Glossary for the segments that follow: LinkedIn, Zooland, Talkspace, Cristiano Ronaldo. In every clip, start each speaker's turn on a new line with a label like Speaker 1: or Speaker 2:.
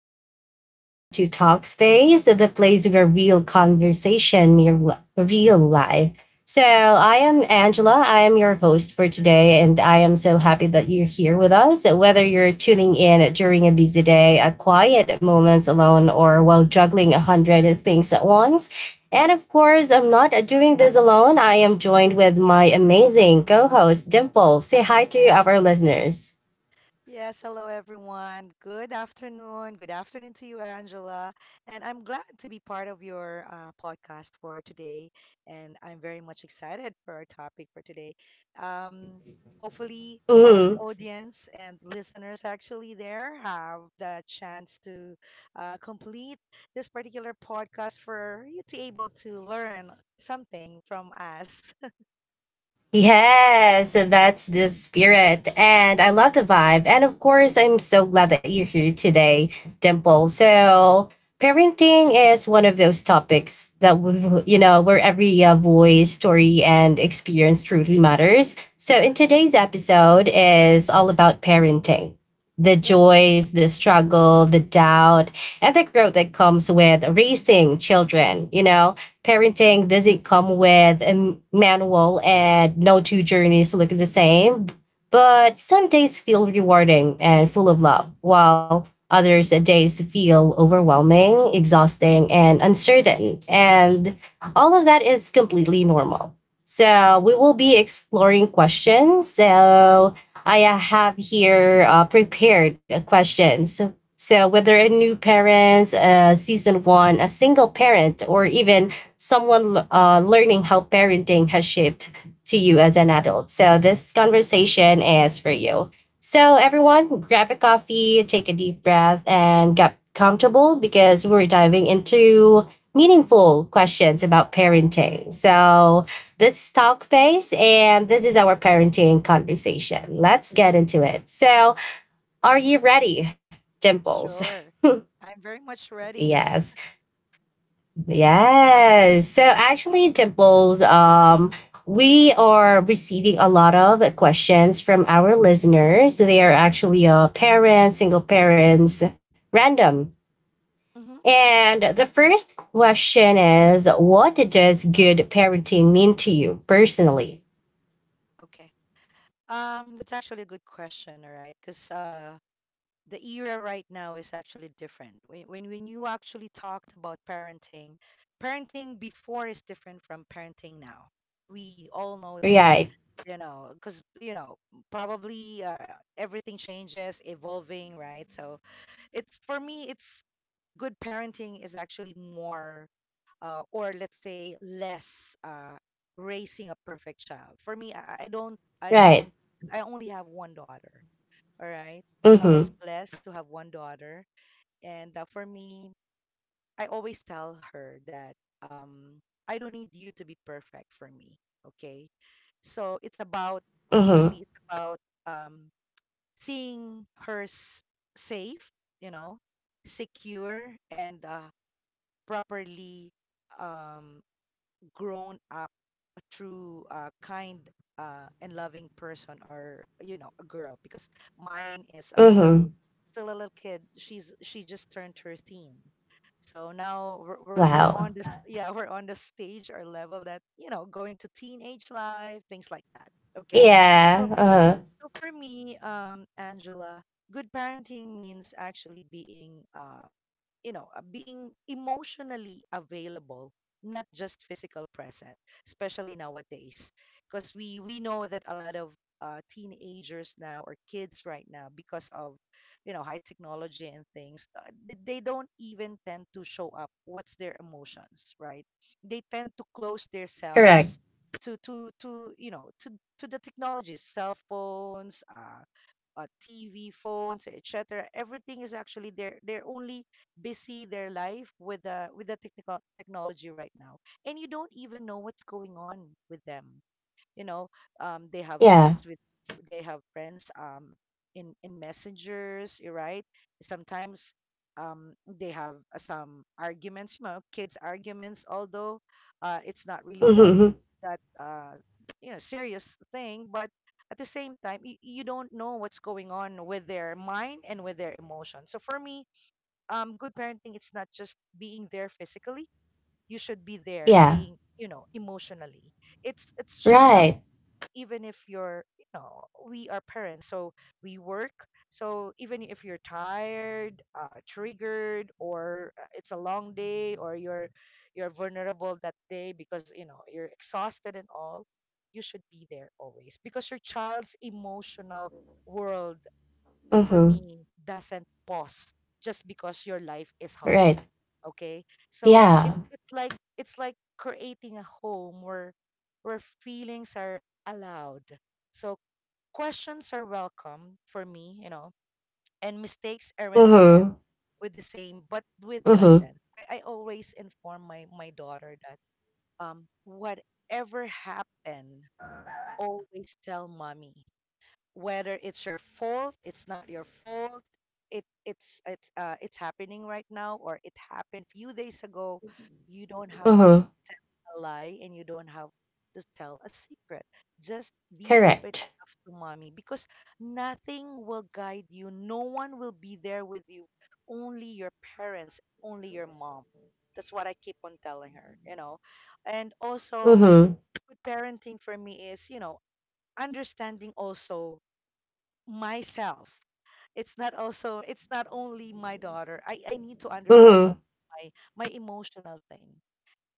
Speaker 1: everyone. Welcome to Talkspace, the place where real conversation, your real life. So, I am Angela. I am your host for today, and I am so happy that you're here with us. Whether you're tuning in during a busy day, a quiet moments alone, or while juggling 100 things at once. And of course, I'm not doing this alone. I am joined with my amazing co host, Dimple. Say hi to our listeners.
Speaker 2: Yes, hello everyone. Good afternoon. Good afternoon to you, Angela. And I'm glad to be part of your podcast for today. And I'm very much excited for our topic for today. Um, Hopefully, all of the
Speaker 1: Mhm.
Speaker 2: audience and listeners actually there have the chance to complete this particular podcast for you to able to learn something from us.
Speaker 1: Yes, so that's the spirit. And I love the vibe. And of course, I'm so glad that you're here today, Dimple.
Speaker 2: Mhm.
Speaker 1: So, parenting is one of those topics that, where every voice, story, and experience truly matters. So, in
Speaker 2: Uh-huh.
Speaker 1: today's episode is all about parenting, the
Speaker 2: That's good.
Speaker 1: joys, the struggle, the doubt, and the growth
Speaker 2: Uh-huh.
Speaker 1: that comes with raising children, you know?
Speaker 2: Yeah.
Speaker 1: Parenting doesn't come with a manual and no two journeys look the same. But some days feel rewarding and full of love, while others days feel overwhelming, exhausting, and uncertain. And all of that is completely normal. So we will be exploring questions. So I have here prepared questions, so whether a new parent, a season one, a single parent, or even someone learning how parenting has shaped to you as an adult. So this conversation is for you. So everyone, grab a coffee, take a deep breath, and get comfortable because we're diving into meaningful questions about parenting. So this is talk base and this is our parenting conversation. Let's get into it. So are you ready, Dimples?
Speaker 2: Sure. I'm very much ready.
Speaker 1: Yes. Yes. So actually, Dimples, we are receiving a lot of questions from our listeners. They are actually parents, single parents, random.
Speaker 2: Mhm.
Speaker 1: And the first question is: What does good parenting mean to you personally?
Speaker 2: Okay. That's actually a good question, all right? Because the era right now is actually different. When you actually talked about parenting, parenting before is different from parenting now. We all know that,
Speaker 1: Right,
Speaker 2: you know, because you know probably everything changes, evolving, right? So it's for me, it's good parenting is actually more or let's say less raising a perfect child. For me, I don't, I
Speaker 1: right.
Speaker 2: don't, I only have one daughter. All right,
Speaker 1: Mm
Speaker 2: I
Speaker 1: hmm.
Speaker 2: was blessed to have one daughter, and for me, I always tell her that um, I don't need you to be perfect for me. Okay, so it's about for
Speaker 1: Mm
Speaker 2: me, it's about um, seeing her safe, you know, secure and properly um grown up a true kind and loving person or you know a girl because mine is
Speaker 1: hmm. Mm hmm.
Speaker 2: still still a little kid. She just turned 13, so now we're
Speaker 1: Wow.
Speaker 2: on this. Yeah, we're on the stage or level that you know going to teenage life, things like that. Okay, so,
Speaker 1: Yeah. Uh-huh.
Speaker 2: so for me, Angela, good parenting means actually being being emotionally available, not just physical present, especially nowadays, because we know that a lot of teenagers now or kids right now, because of you know high technology and things, they don't even tend to show up what's their emotions, right? They tend to close
Speaker 1: Correct.
Speaker 2: themselves to you know to the technologies, cell phones, TV, phones, etc. Everything is actually they're only busy their life with the technical technology right now, and you don't even know what's going on with them, you know. um they have
Speaker 1: Yeah.
Speaker 2: friends with they have friends in messengers, you're right. Sometimes they have some arguments, you know, kids arguments, although it's not really
Speaker 1: Mm
Speaker 2: that
Speaker 1: hmm.
Speaker 2: that uh you know serious thing, but at the same time you don't know what's going on with their mind and with their emotion. So for me, good parenting, it's not just being there physically. You should be there
Speaker 1: Yeah.
Speaker 2: being you know emotionally. It's showing up,
Speaker 1: Right.
Speaker 2: even if you're you know we are parents, so we work, so even if you're tired, triggered, or it's a long day, or you're vulnerable that day because you know you're exhausted and all, you should be there always, because your child's emotional world for
Speaker 1: Mm hmm.
Speaker 2: me doesn't pause just because your life is
Speaker 1: Right.
Speaker 2: hard. Okay, so
Speaker 1: Yeah.
Speaker 2: it's like creating a home where feelings are allowed, so questions are welcome for me, you know, and mistakes aren't
Speaker 1: Mm-hmm.
Speaker 2: met with the same but with
Speaker 1: Mm-hmm.
Speaker 2: guidance. I always inform my daughter that whatever happened, always tell mommy, whether it's your fault, it's not your fault, it's happening right now or it happened few days ago, you don't have to
Speaker 1: Mm-hmm.
Speaker 2: tell a lie and you don't have to tell a secret. Just be open
Speaker 1: Correct.
Speaker 2: enough to mommy, because nothing will guide you. No one will be there with you. Only your parents, only your mom. That's what I keep on telling her, you know. And also,
Speaker 1: Mm-hmm.
Speaker 2: good parenting for me is, you know, understanding also myself. It's not also it's not only my daughter. I need to understand
Speaker 1: Mm-hmm.
Speaker 2: all my my emotional thing.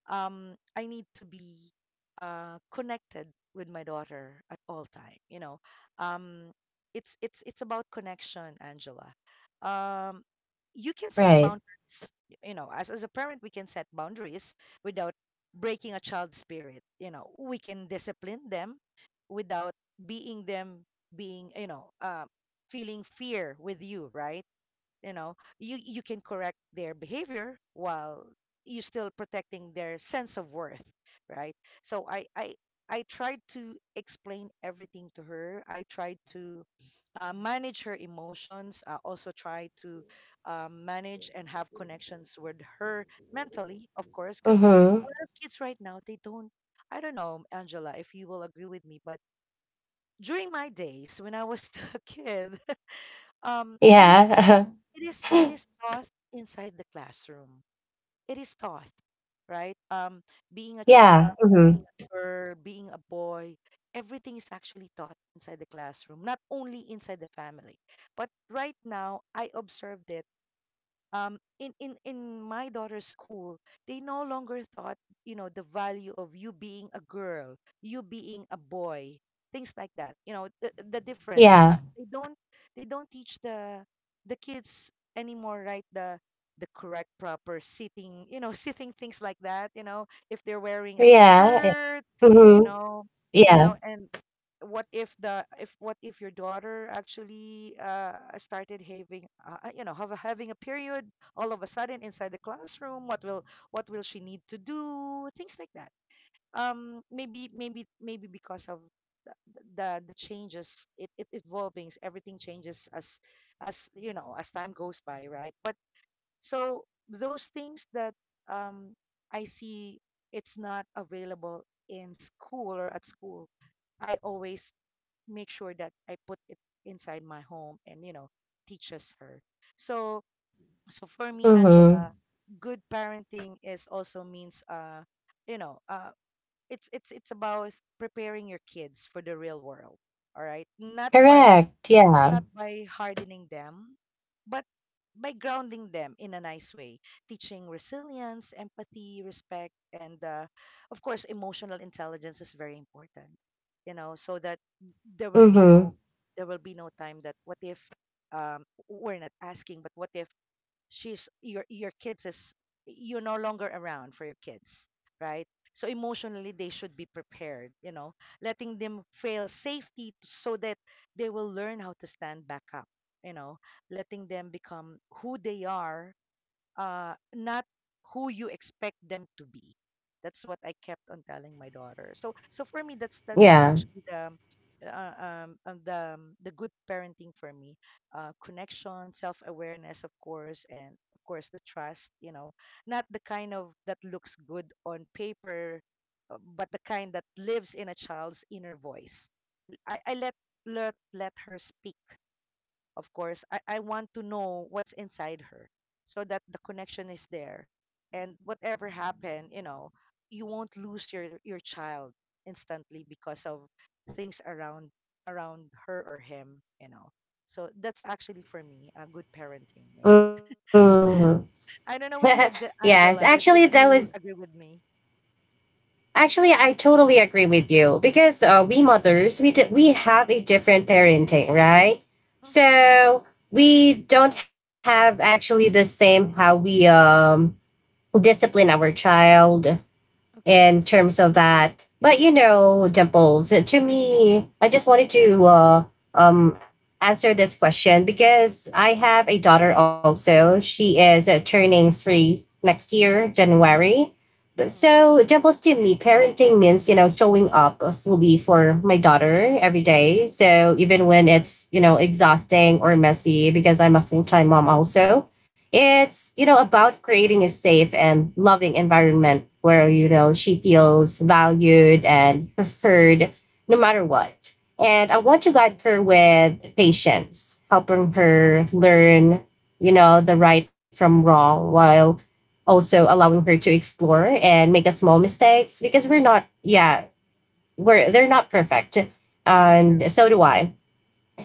Speaker 2: I need to be connected with my daughter at all time, you know. um it's about connection, Angela. um you can set
Speaker 1: Right.
Speaker 2: boundaries. You know, as a parent, we can set boundaries without breaking a child's spirit. You know, we can discipline them without being them being you know feeling fear with you, right? You know, you can correct their behavior while you're still protecting their sense of worth, right? So I tried to explain everything to her. I tried to manage her emotions. I also tried to manage and have connections with her mentally, of course, because
Speaker 1: Mm-hmm.
Speaker 2: a lot of kids right now they don't. I don't know, Angela, if you will agree with me, but during my days when I was still a kid, it is
Speaker 1: Yeah.
Speaker 2: it is taught inside the classroom. It is taught, right? Being a child,
Speaker 1: Yeah.
Speaker 2: being a
Speaker 1: Mm-hmm.
Speaker 2: girl, being a boy, everything is actually taught inside the classroom, not only inside the family. But right now, I observed it, in my daughter's school, they no longer thought, you know, the value of you being a girl, you being a boy, things like that. You know, the difference.
Speaker 1: Yeah.
Speaker 2: They don't teach the kids anymore, right? The correct proper sitting, you know, sitting things like that. You know, if they're wearing a
Speaker 1: Yeah.
Speaker 2: skirt, you
Speaker 1: Mm-hmm.
Speaker 2: know, you know,
Speaker 1: Yeah.
Speaker 2: and what if your daughter actually started having you know having a period all of a sudden inside the classroom. What will she need to do, things like that. Maybe because of the the changes, it evolvings, everything changes as you know as time goes by, right? But so those things that um I see it's not available in school or at school, I always make sure that I put it inside my home and you know teaches her. So for me, Angela,
Speaker 1: Mm-hmm.
Speaker 2: good parenting is also means you know uh it's it's about preparing your kids for the real world. All right,
Speaker 1: Correct. Yeah.
Speaker 2: not by hardening them, but by grounding them in a nice way, teaching resilience, empathy, respect, and of course, emotional intelligence is very important. You know, so that there will be no
Speaker 1: Mm-hmm.
Speaker 2: there will be no time that what if we're not asking, but what if she's your kids is you're no longer around for your kids, right? So emotionally they should be prepared, you know, letting them fail safety. So that they will learn how to stand back up, you know, letting them become who they are, not who you expect them to be. That's what I kept on telling my daughter. So, for me, that's
Speaker 1: Yeah.
Speaker 2: actually the the good parenting for me. Connection, self awareness, of course, and of course the trust. You know, not the kind of that looks good on paper, but the kind that lives in a child's inner voice. I let let her speak. Of course, I want to know what's inside her, so that the connection is there. And whatever happened, you know, you won't lose your child instantly because of things around her or him, you know. So that's actually for me a good parenting is.
Speaker 1: Mm-hmm.
Speaker 2: I don't know with you,
Speaker 1: Yes. Actually,
Speaker 2: Angela,
Speaker 1: that
Speaker 2: if
Speaker 1: was
Speaker 2: you agree with me.
Speaker 1: actually, I totally agree with you because we mothers, we have a different parenting, right?
Speaker 2: Uh hmm.
Speaker 1: So we don't have actually the same how we discipline our child,
Speaker 2: Okay.
Speaker 1: in terms of that. But you know, Dimples, to me, I just wanted to um, answer this question because I have a daughter also. She is turning 3 next year, January.
Speaker 2: Mm,
Speaker 1: So, Dimples, to me, parenting means, you know, showing up fully for my daughter every day. So,
Speaker 2: same.
Speaker 1: even when it's, you know, exhausting or messy, because I'm a full time mom also,
Speaker 2: Yeah.
Speaker 1: it's, you know, about creating a safe and loving environment where, you
Speaker 2: True.
Speaker 1: know, she feels valued and
Speaker 2: Mm-hmm.
Speaker 1: preferred no matter what. And I
Speaker 2: True.
Speaker 1: want to guide her with patience, helping her learn, you know, the right from wrong while also allowing her to explore and make a small mistakes because we're not, yeah, they're not perfect.
Speaker 2: True.
Speaker 1: And so do I.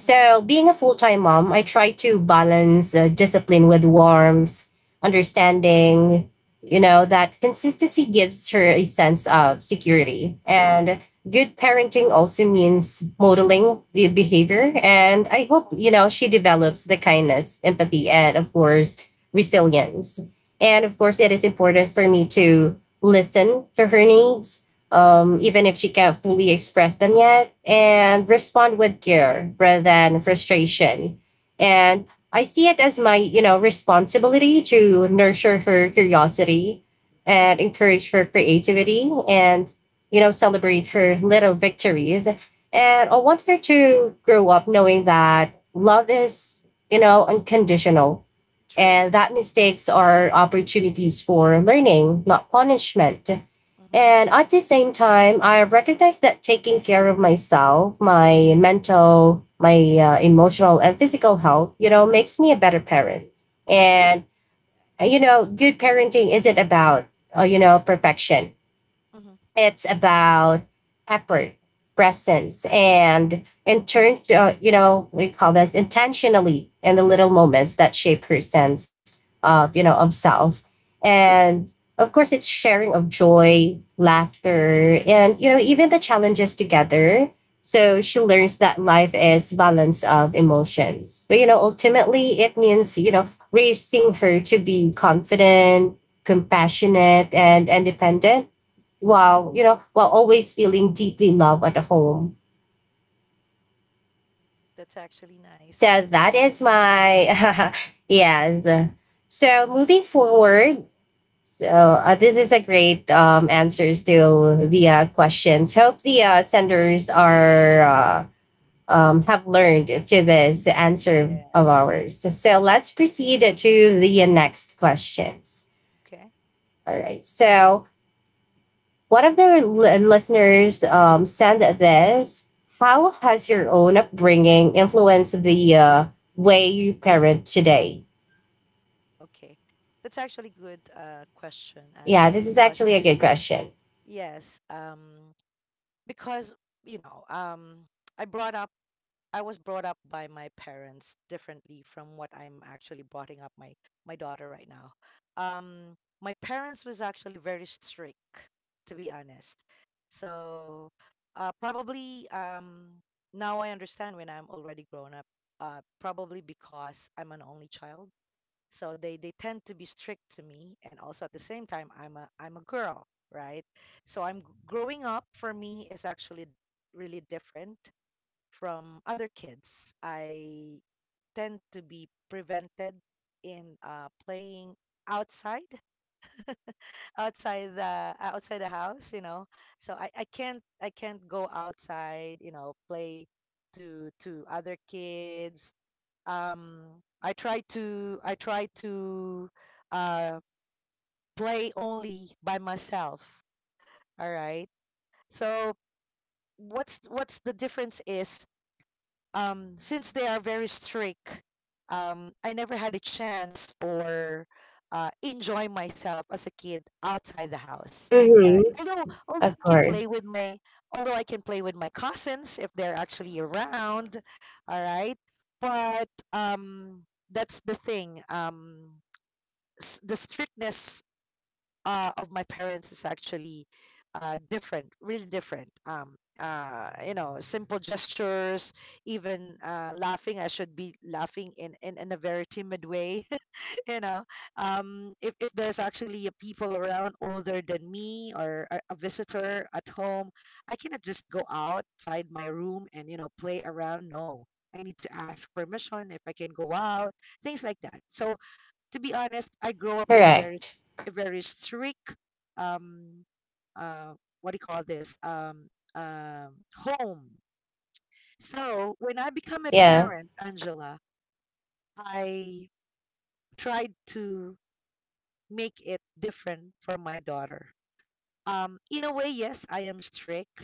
Speaker 2: Mm-hmm.
Speaker 1: being a full time mom, I try to balance discipline with warmth, understanding, you know, that consistency gives her a sense of security. And good parenting also means modeling the behavior. And I hope, you know, she develops the kindness, empathy, and of course, resilience. And
Speaker 2: Mm-hmm.
Speaker 1: of course, it is important for me to listen to her needs, even if she can't fully express them yet, and respond with care rather than frustration. And I see it as my, you know, responsibility to nurture her curiosity
Speaker 2: Mm-hmm.
Speaker 1: and encourage her creativity and, you know, celebrate her little victories. And I want her to grow up knowing that love is, you know, unconditional
Speaker 2: True.
Speaker 1: and that mistakes are opportunities for learning, not punishment.
Speaker 2: Mm-hmm.
Speaker 1: And at the same time, I recognize that taking care of myself, my mental, my emotional, and physical health, you know, makes me a better parent.
Speaker 2: True.
Speaker 1: And, you know, good parenting isn't about, you know, perfection.
Speaker 2: Mm-hmm.
Speaker 1: It's about effort, presence, and in turn, you know, we call this intentionally in the little moments that shape her sense of, you know, of self. And of course, it's sharing of joy, laughter, and, you know, even the challenges together. So she
Speaker 2: Mhm,
Speaker 1: learns that life is balance of emotions. But, you know, ultimately, it means, you know, raising her to be confident, compassionate, and independent,
Speaker 2: mhm.
Speaker 1: wow, you know, while always feeling deeply loved at home.
Speaker 2: That's actually nice.
Speaker 1: So
Speaker 2: And
Speaker 1: that is my, yes. So moving forward, so this is a great answers to the questions. Hope the senders are have learned to this answer of
Speaker 2: yes.
Speaker 1: ours. So let's proceed to the next questions.
Speaker 2: Okay.
Speaker 1: All right. So one of the listeners sent this. How has your own upbringing influenced the way you parent today?
Speaker 2: Okay. That's actually good question,
Speaker 1: Yeah,
Speaker 2: Angela,
Speaker 1: this is
Speaker 2: because
Speaker 1: actually a good question.
Speaker 2: yes, because you know, I brought up I was brought up by my parents differently from what I'm actually brought up my daughter right now. Um, my parents was actually very strict, to be honest. So probably now I understand when I'm already grown up. Probably because I'm an only child, so they tend to be strict to me, and also at the same time I'm a girl, right? So I'm growing up for me is actually really different from other kids. I tend to be prevented in playing outside, outside the house, you know. So I can't go outside, you know, play to other kids. um I try to uh play only by myself. All right, so what's the difference is, since they are very strict, I never had a chance or enjoy myself as a kid outside the house. All right.
Speaker 1: Mm-hmm.
Speaker 2: Although I
Speaker 1: Of
Speaker 2: can play
Speaker 1: course.
Speaker 2: with although I can play with my cousins if they're actually around. All right. But that's the thing. The strictness of my parents is actually different, really different. You know, simple gestures, even laughing. I should be laughing in a very timid way. You know, if there's actually a people around older than me or a visitor at home, I cannot just go outside my room and, you know, play around. No, I need to ask permission if I can go out, things like that. So to be honest, I grew up in
Speaker 1: Correct.
Speaker 2: a very strict, um, uh, what do you call this, home. So when I become a
Speaker 1: Yeah.
Speaker 2: parent, Angela, I tried to make it different for my daughter. In a way, yes, I am strict,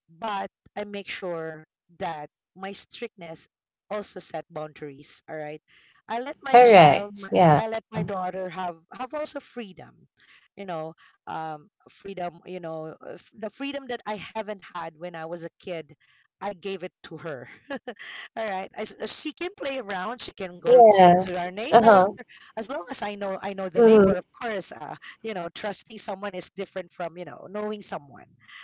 Speaker 2: but I make sure that my strictness also set boundaries. All right, I let my child, my,
Speaker 1: Correct.
Speaker 2: I
Speaker 1: Yeah.
Speaker 2: let my daughter have also you know, freedom, you know, the freedom that I haven't had when I was a kid, I gave it to her. All right. As she can play around, she can go to
Speaker 1: Yeah.
Speaker 2: our
Speaker 1: Uh
Speaker 2: neighbor.
Speaker 1: huh.
Speaker 2: As long as I know the
Speaker 1: Mm-hmm.
Speaker 2: neighbor, of course. You know, trusting someone is different from you know knowing someone.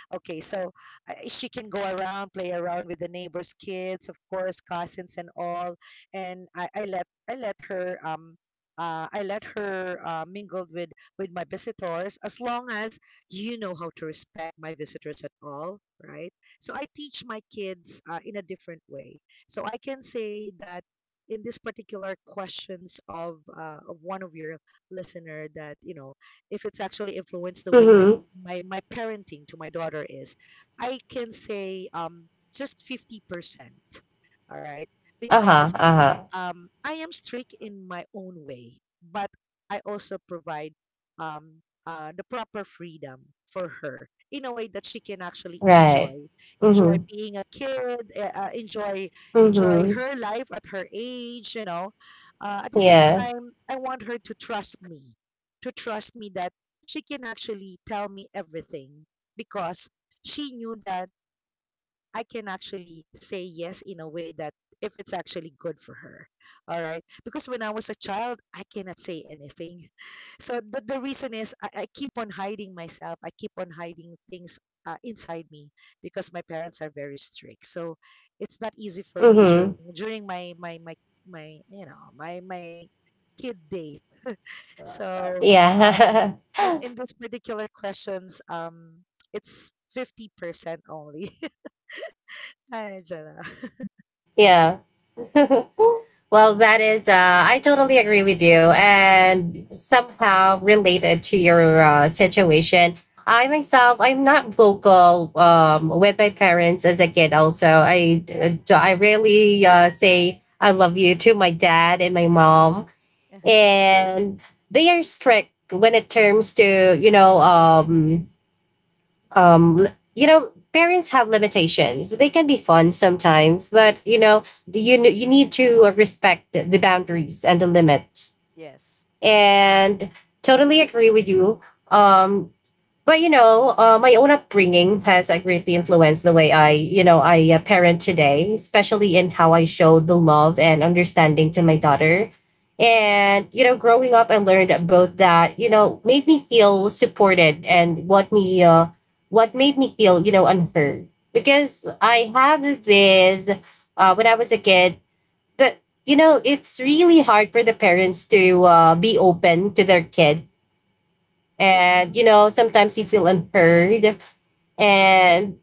Speaker 2: Okay, so she can go around, play around with the neighbors' kids, of course, cousins and all. And I let her. I let her mingle with my visitors as long as you know how to respect my visitors at all, right? So I teach my kids in a different way. So I can say that in this particular questions of one of your listener that you know if it's actually influenced the way
Speaker 1: Mm-hmm.
Speaker 2: my parenting to my daughter is, I can say just 50%. All right?
Speaker 1: Uh
Speaker 2: Because
Speaker 1: huh. Uh huh.
Speaker 2: I am strict in my own way, but I also provide the proper freedom for her in a way that she can actually
Speaker 1: Right.
Speaker 2: enjoy
Speaker 1: Mm-hmm.
Speaker 2: being a kid enjoy her
Speaker 1: Mm-hmm.
Speaker 2: life at her age, you know. At the same
Speaker 1: Yeah.
Speaker 2: time, I want her to trust me that she can actually tell me everything because she knew that I can actually say yes in a way that if it's actually good for her. All right. Because when I was a child, I cannot say anything. So, but the reason is I keep on hiding myself. I keep on hiding things inside me because my parents are very strict. So it's not easy for me
Speaker 1: Mm-hmm.
Speaker 2: during my you know my kid days. So um,
Speaker 1: Yeah.
Speaker 2: in this particular questions, it's 50% only. Hi, Angela.
Speaker 1: Yeah. Well, I totally agree with you. And somehow related to your situation, I myself, I'm not vocal with my parents as a kid, also. I rarely say I love you to my dad and my mom.
Speaker 2: Uh-huh.
Speaker 1: And they are strict when it terms to, you know, you know parents have limitations, they can be fun sometimes, but you know you need to respect the boundaries and the limit,
Speaker 2: Yes.
Speaker 1: and totally agree with you, um but you know, my own upbringing has greatly influenced the way I parent today, especially in how I showed the love and understanding to my daughter.
Speaker 2: Mm-hmm.
Speaker 1: And you know, growing up, I learned both that you know made me feel supported and what made me feel you know unheard, because I have this, when I was a kid, that you know it's really hard for the parents to be open to their kid,
Speaker 2: Mm-hmm.
Speaker 1: and you know sometimes you feel unheard, and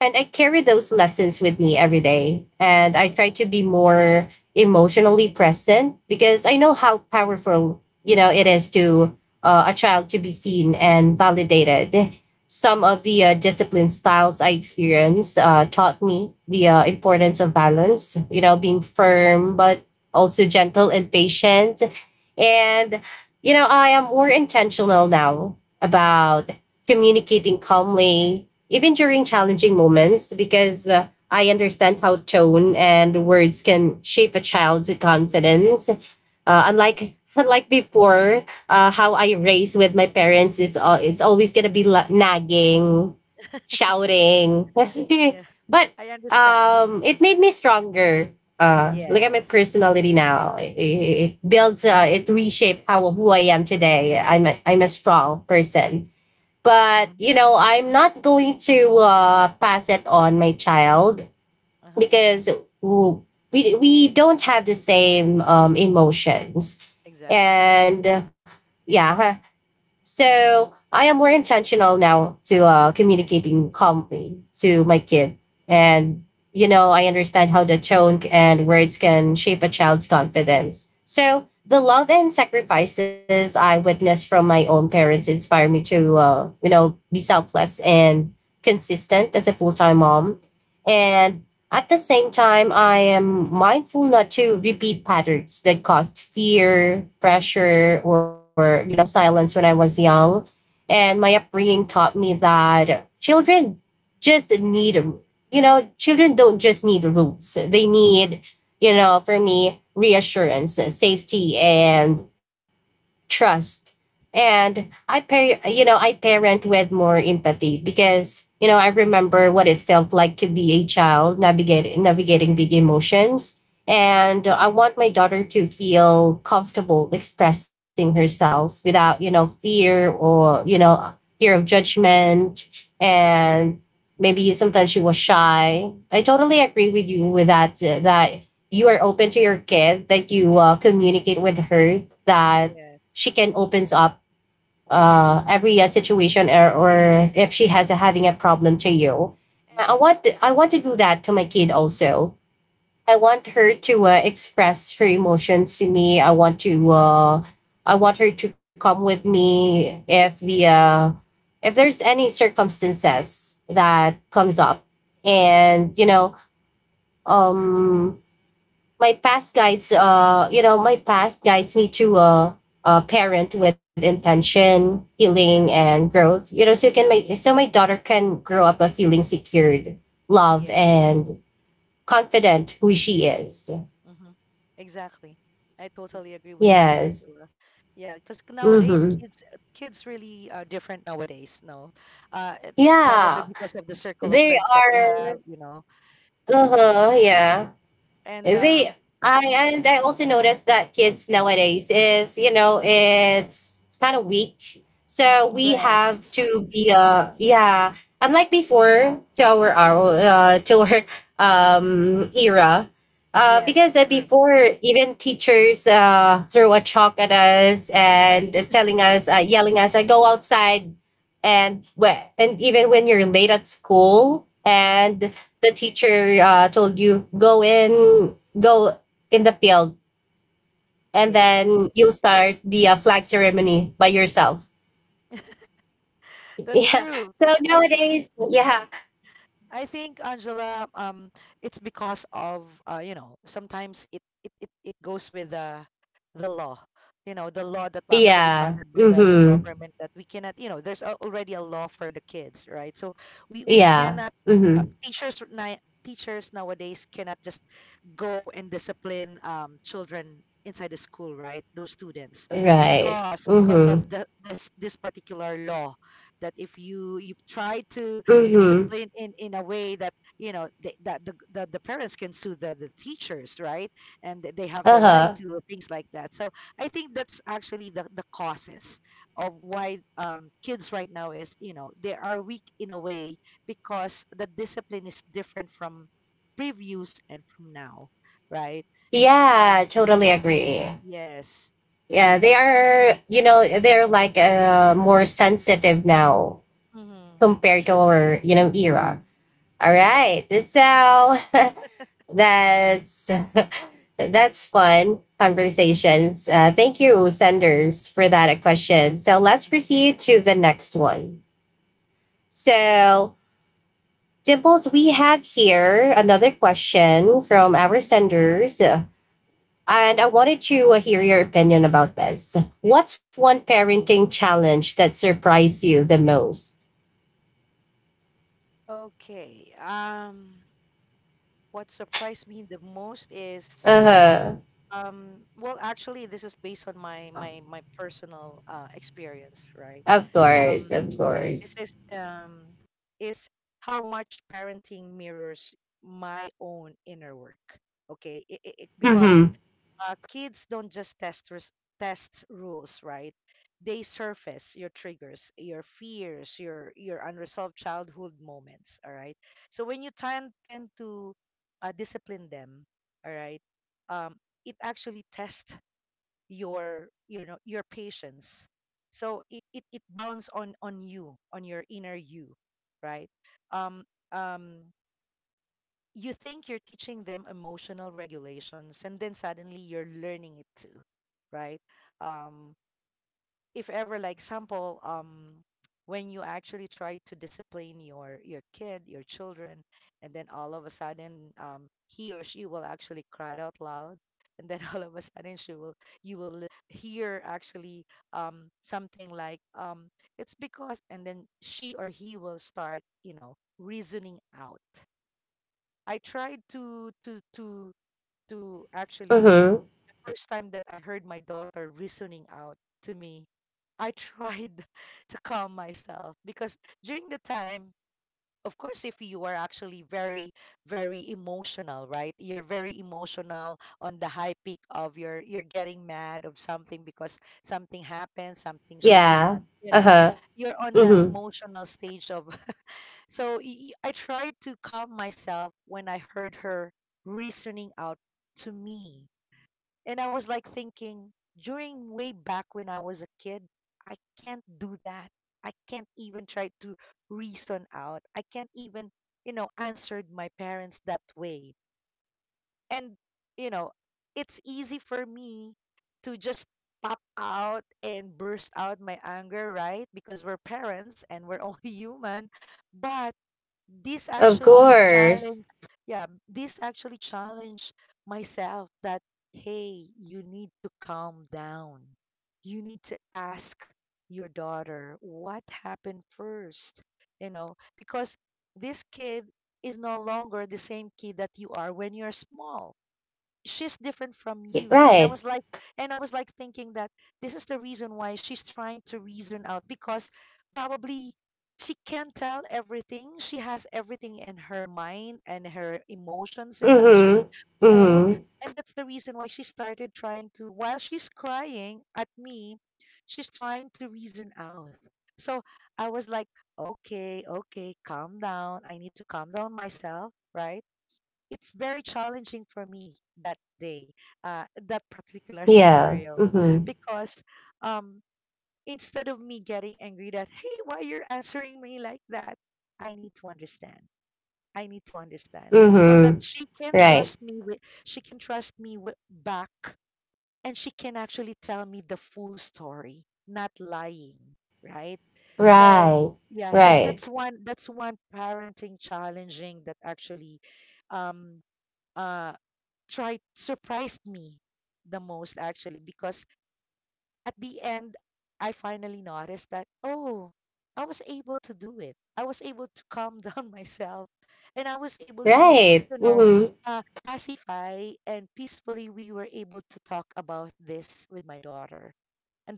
Speaker 1: and I carry those lessons with me every day. And I try to be more emotionally present because I know how powerful, you know, it is to a child to be seen and validated. Some of the discipline styles I experienced taught me the importance of balance, you know, being firm, but also gentle and patient. And, you know, I am more intentional now about communicating calmly, even during challenging moments, because I understand how tone and words can shape a child's
Speaker 2: Yes.
Speaker 1: confidence.
Speaker 2: Yeah.
Speaker 1: Unlike unlike before, how I raised with my parents, it's always gonna be nagging, shouting,
Speaker 2: Yeah,
Speaker 1: but
Speaker 2: I understand.
Speaker 1: it made me stronger. Look at my
Speaker 2: Yes.
Speaker 1: personality now. It reshaped how who I am today. I'm a strong person, but
Speaker 2: Mm-hmm.
Speaker 1: you know I'm not going to pass it on my child
Speaker 2: Uh-huh.
Speaker 1: because w- we don't have the same emotions,
Speaker 2: Exactly.
Speaker 1: and yeah huh, so I am more intentional now to communicating calmly to my kid. And, you know, I understand how the tone and words can shape a child's confidence. So the love and sacrifices I witnessed from my own parents inspire me to, you know, be selfless and consistent as a full time mom. And at the same time, I am mindful not to repeat patterns that caused fear,
Speaker 2: Mm.
Speaker 1: pressure, or, you know, silence when I was young. And my upbringing taught me that just need, children don't just need rules. They need, you know, for me, reassurance, safety, and trust.
Speaker 2: Mm.
Speaker 1: And I parent with more empathy because, you know, I remember what it felt like to be a child navigating big emotions.
Speaker 2: Mm-hmm.
Speaker 1: And I want my daughter to feel comfortable expressing herself without, you know, fear or, you know, fear of judgment. And maybe sometimes she was shy. I totally agree with you with that, that you are open to your kid, that you communicate with her that
Speaker 2: Yes.
Speaker 1: she can opens up every situation, or if having a problem to you. I
Speaker 2: Yes.
Speaker 1: want I want to do that to my kid also. I want her to express her emotions to me. I want her to come with me if the if there's any circumstances that comes up, and um my past guides me to a parent with intention healing and growth. You know, so my daughter can grow up a feeling secured, loved,
Speaker 2: Yes.
Speaker 1: and confident who she is.
Speaker 2: Mhm. Exactly. I totally agree with that,
Speaker 1: Yes.
Speaker 2: Angela. Yeah, because nowadays
Speaker 1: Mm-hmm.
Speaker 2: kids kids really are different nowadays, no. Uh it- probably
Speaker 1: Yeah,
Speaker 2: because of the circle of friends
Speaker 1: they
Speaker 2: that we have,
Speaker 1: are.
Speaker 2: you know.
Speaker 1: Uh-huh. Yeah.
Speaker 2: And
Speaker 1: They I also noticed that kids nowadays is, you know, it's kind of weak. So we
Speaker 2: yes.
Speaker 1: have to be yeah, unlike before to our era. Uh,
Speaker 2: Yes,
Speaker 1: because uh,
Speaker 2: true.
Speaker 1: before even teachers threw a chalk at us, and telling us, yelling us, go outside. And when and even when you're late at school
Speaker 2: Mhm.
Speaker 1: and the teacher told you go in, go in the field, and
Speaker 2: Yes.
Speaker 1: then you'll start the flag ceremony by yourself.
Speaker 2: That's
Speaker 1: Yeah.
Speaker 2: true.
Speaker 1: So
Speaker 2: I think
Speaker 1: nowadays, yeah.
Speaker 2: I think Angela, it's because of you know, sometimes it goes with the law, you know, the law that was actually funded
Speaker 1: Yeah.
Speaker 2: by the
Speaker 1: Mm-hmm.
Speaker 2: government that we cannot, you know, there's already a law for the kids, right? So we cannot
Speaker 1: Yeah. Mm-hmm.
Speaker 2: teachers nowadays cannot just go and discipline children inside the school, right? Those students
Speaker 1: Right.
Speaker 2: because of
Speaker 1: Mm-hmm.
Speaker 2: the this this particular law that if you try to
Speaker 1: Mm-hmm.
Speaker 2: discipline in a way that you know that the parents can sue the teachers right and they have the right
Speaker 1: Uh-huh.
Speaker 2: to things like that so I think that's actually the causes of why kids right now is you know they are weak in a way because the discipline is different from previews and from now right um
Speaker 1: Yeah, totally agree.
Speaker 2: yes
Speaker 1: Yeah, they are, you know, they're like, more sensitive now
Speaker 2: hmm true
Speaker 1: compared to our, you know, era. All
Speaker 2: yeah
Speaker 1: right.
Speaker 2: yeah
Speaker 1: So that's that's fun conversations. Thank you, senders, for that question. So let's proceed to the next one. So, Dimples, we have here another question from
Speaker 2: Mhm.
Speaker 1: our senders. And I wanted to hear your opinion about this. What's one parenting challenge that surprised you the most?
Speaker 2: Okay, what surprised me the most is
Speaker 1: Uh huh.
Speaker 2: Well, actually, this is based on my personal experience, right?
Speaker 1: Of
Speaker 2: Um,
Speaker 1: course, of
Speaker 2: this
Speaker 1: course.
Speaker 2: is how much parenting mirrors my own inner work. Okay, because
Speaker 1: Mm-hmm.
Speaker 2: kids don't just test rules, right? They surface your triggers, your fears, your unresolved childhood moments. All right. So when you tend to discipline them, all right, um, it actually tests your you know your patience so it bounds on you on your inner you right um um you think you're teaching them emotional regulations and then suddenly you're learning it too right. Um, if ever like example when you actually try to discipline your kid your children and then all of a sudden he or she will actually cry out loud and then all of a sudden she will you will hear actually something like it's because and then she or he will start you know reasoning out I tried to actually
Speaker 1: Mm-hmm.
Speaker 2: the first time that I heard my daughter reasoning out to me, I tried to calm myself because during the time, of course, if you are actually very emotional, right? You're very emotional on the high peak of your, you're getting mad of something because something happened, something she did
Speaker 1: Yeah.
Speaker 2: not, you know,
Speaker 1: Uh-huh.
Speaker 2: you're on the
Speaker 1: Mm-hmm.
Speaker 2: emotional stage of. So I tried to calm myself when I heard her reasoning out to me and I was like thinking, during way back when I was a kid, I can't do that. I can't even try to reason out. I can't even, you know, answered my parents that way. And, you know, it's easy for me to just pop out and burst out my anger, right? Because we're parents and we're only human. But this
Speaker 1: Of
Speaker 2: actually
Speaker 1: course.
Speaker 2: challenge yeah this actually challenge myself that hey you need to calm down you need to ask your daughter what happened first you know because this kid is no longer the same kid that you are when you're small she's different from you
Speaker 1: Right.
Speaker 2: and I was like thinking that this is the reason why she's trying to reason out because probably she can't tell everything she has everything in her mind and her emotions is
Speaker 1: Mm-hmm.
Speaker 2: actually full
Speaker 1: Mm-hmm.
Speaker 2: and that's the reason why she started trying to while she's crying at me she's trying to reason out so I was like okay okay calm down I need to calm down myself right it's very challenging for me that day, that particular
Speaker 1: Yeah.
Speaker 2: scenario,
Speaker 1: Mm-hmm.
Speaker 2: because um, instead of me getting angry that, hey, why you're answering me like that, I need to understand. I need to understand so
Speaker 1: Mm-hmm.
Speaker 2: that
Speaker 1: Right.
Speaker 2: she can trust me with back and she can actually tell me the full story, not lying, right? So
Speaker 1: Right.
Speaker 2: yeah, so
Speaker 1: Right.
Speaker 2: that's one parenting challenging that actually um uh tried surprised me the most actually because at the end I finally noticed that oh I was able to do it. I was able to calm down myself and I was able to,
Speaker 1: Right.
Speaker 2: you know,
Speaker 1: Mm-hmm.
Speaker 2: pacify and peacefully we were able to talk about this with my daughter.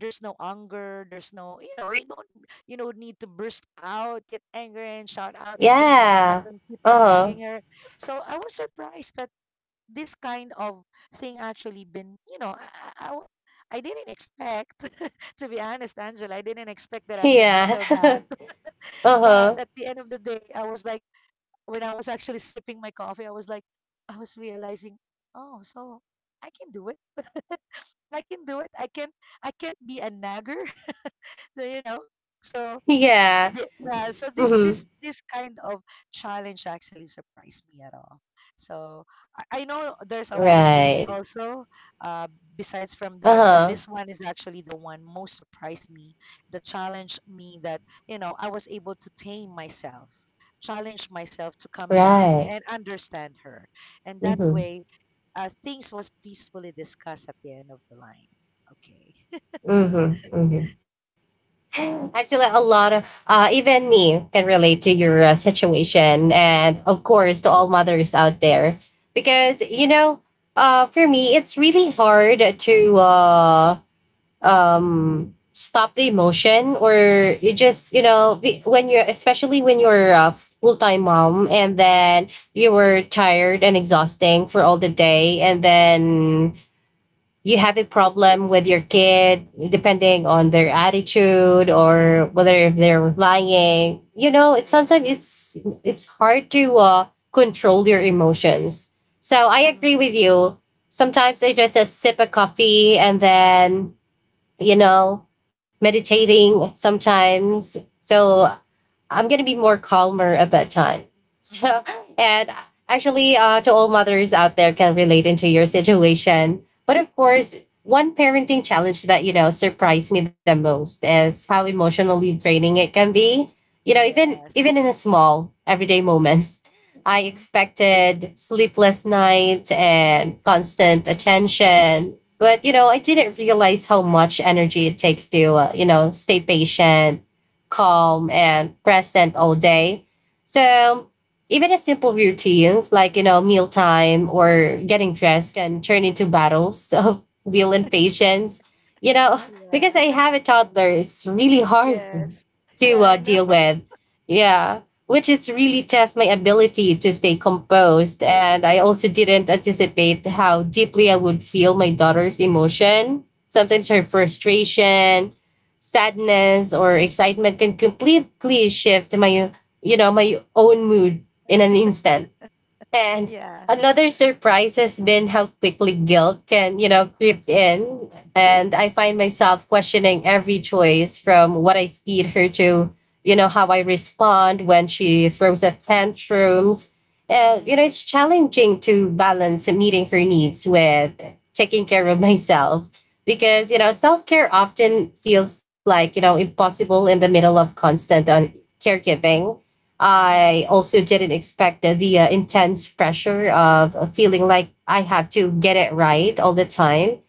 Speaker 2: And there's no anger, there's no, you know, you don't you know need to burst out, get angry and shout out and things like
Speaker 1: Yeah.
Speaker 2: that and keep on
Speaker 1: Uh-huh.
Speaker 2: nagging her. So I was surprised that this kind of thing actually been you know I w- I didn't expect to be honest angela I didn't expect that I can
Speaker 1: Yeah.
Speaker 2: handle that
Speaker 1: Uh-huh.
Speaker 2: but at the end of the day I was like when I was actually sipping my coffee I was like I was realizing oh so I can do it I can I can't be a nagger So you know so
Speaker 1: Yeah.
Speaker 2: yeah, so
Speaker 1: Mm-hmm.
Speaker 2: this kind of challenge actually surprised me at all. So I know there's a lot of things
Speaker 1: Right.
Speaker 2: also uh, besides from that, but
Speaker 1: Uh-huh.
Speaker 2: this one is actually the one most surprised me. The challenge me that you know I was able to tame myself, challenge myself to come
Speaker 1: Right.
Speaker 2: down and understand her, and
Speaker 1: Mm-hmm.
Speaker 2: that way things was peacefully discussed at the end of the line. Okay.
Speaker 1: Mm-hmm. Mm-hmm. Actually, a lot of, even me can relate to your, situation, and of course to all mothers out there, because, you know, for me, it's really hard to, stop the emotion, or you just, you know, when you're, especially when you're a full time mom, and then you were tired and exhausting for all the day, and then you have a problem with your kid, depending on their attitude or
Speaker 2: Mhm.
Speaker 1: whether they're lying. You know, it's
Speaker 2: Yeah.
Speaker 1: sometimes it's hard to control your emotions. So I
Speaker 2: Mm-hmm.
Speaker 1: agree with you. Sometimes I just sip a coffee and then, you know, meditating sometimes. So I'm gonna be more calmer at that time. So
Speaker 2: Mm-hmm.
Speaker 1: and actually, to all mothers out there, can relate into your situation. But of course, one parenting challenge that, you know, surprised me the most is how emotionally draining it can be. You know, even
Speaker 2: Yes.
Speaker 1: even in a small everyday moments. I
Speaker 2: Mm-hmm.
Speaker 1: expected sleepless nights and constant attention. But, you know, I didn't realize how much energy it takes to, you know, stay patient,
Speaker 2: Mhm.
Speaker 1: calm, and present all day. So even as simple routines, like, you know, mealtime or getting dressed can turn into battles of will and patience. You know, because
Speaker 2: Yeah.
Speaker 1: I have a toddler, it's really hard
Speaker 2: Yes.
Speaker 1: to,
Speaker 2: Yeah, I
Speaker 1: deal
Speaker 2: know.
Speaker 1: with. Yeah, which is really test my ability to stay composed, and I also didn't anticipate how deeply I would feel my daughter's emotion. Sometimes her frustration, sadness, or excitement can completely shift my, you know, my own mood in an instant. And
Speaker 2: Yeah.
Speaker 1: another surprise has been how quickly guilt can, you know, creep in. And I find myself questioning every choice from what I feed her to, you know, how I respond when she throws a tantrums. And, you
Speaker 2: Mhm.
Speaker 1: know, it's challenging to balance meeting her needs with taking care of myself because, you know, self care often feels like, you know, impossible in the middle of constant caregiving. I
Speaker 2: Mhm.
Speaker 1: also didn't expect the intense pressure of, feeling like I have to get it right all the time.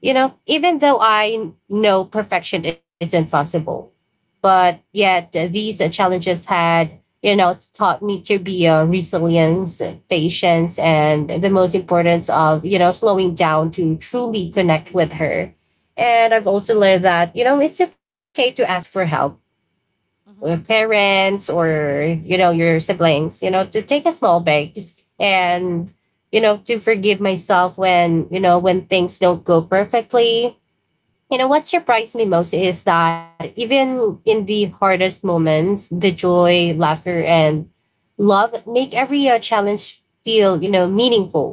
Speaker 1: You know, even though I know perfection isn't possible, but yet, these, challenges had, you know, taught me to be, resilience, patience, and the most
Speaker 2: True.
Speaker 1: importance of, you know, slowing down to truly connect with her. And I've
Speaker 2: That's
Speaker 1: also
Speaker 2: true.
Speaker 1: learned that, you know, it's okay to ask for help or
Speaker 2: Mhm.
Speaker 1: parents, or, you know, your siblings, you know, to take a small break, and, you know, to forgive myself when, you know, when things don't go perfectly. You know, what surprised me most is that even in the hardest moments, the joy, laughter, and love make every, challenge feel, you know, meaningful.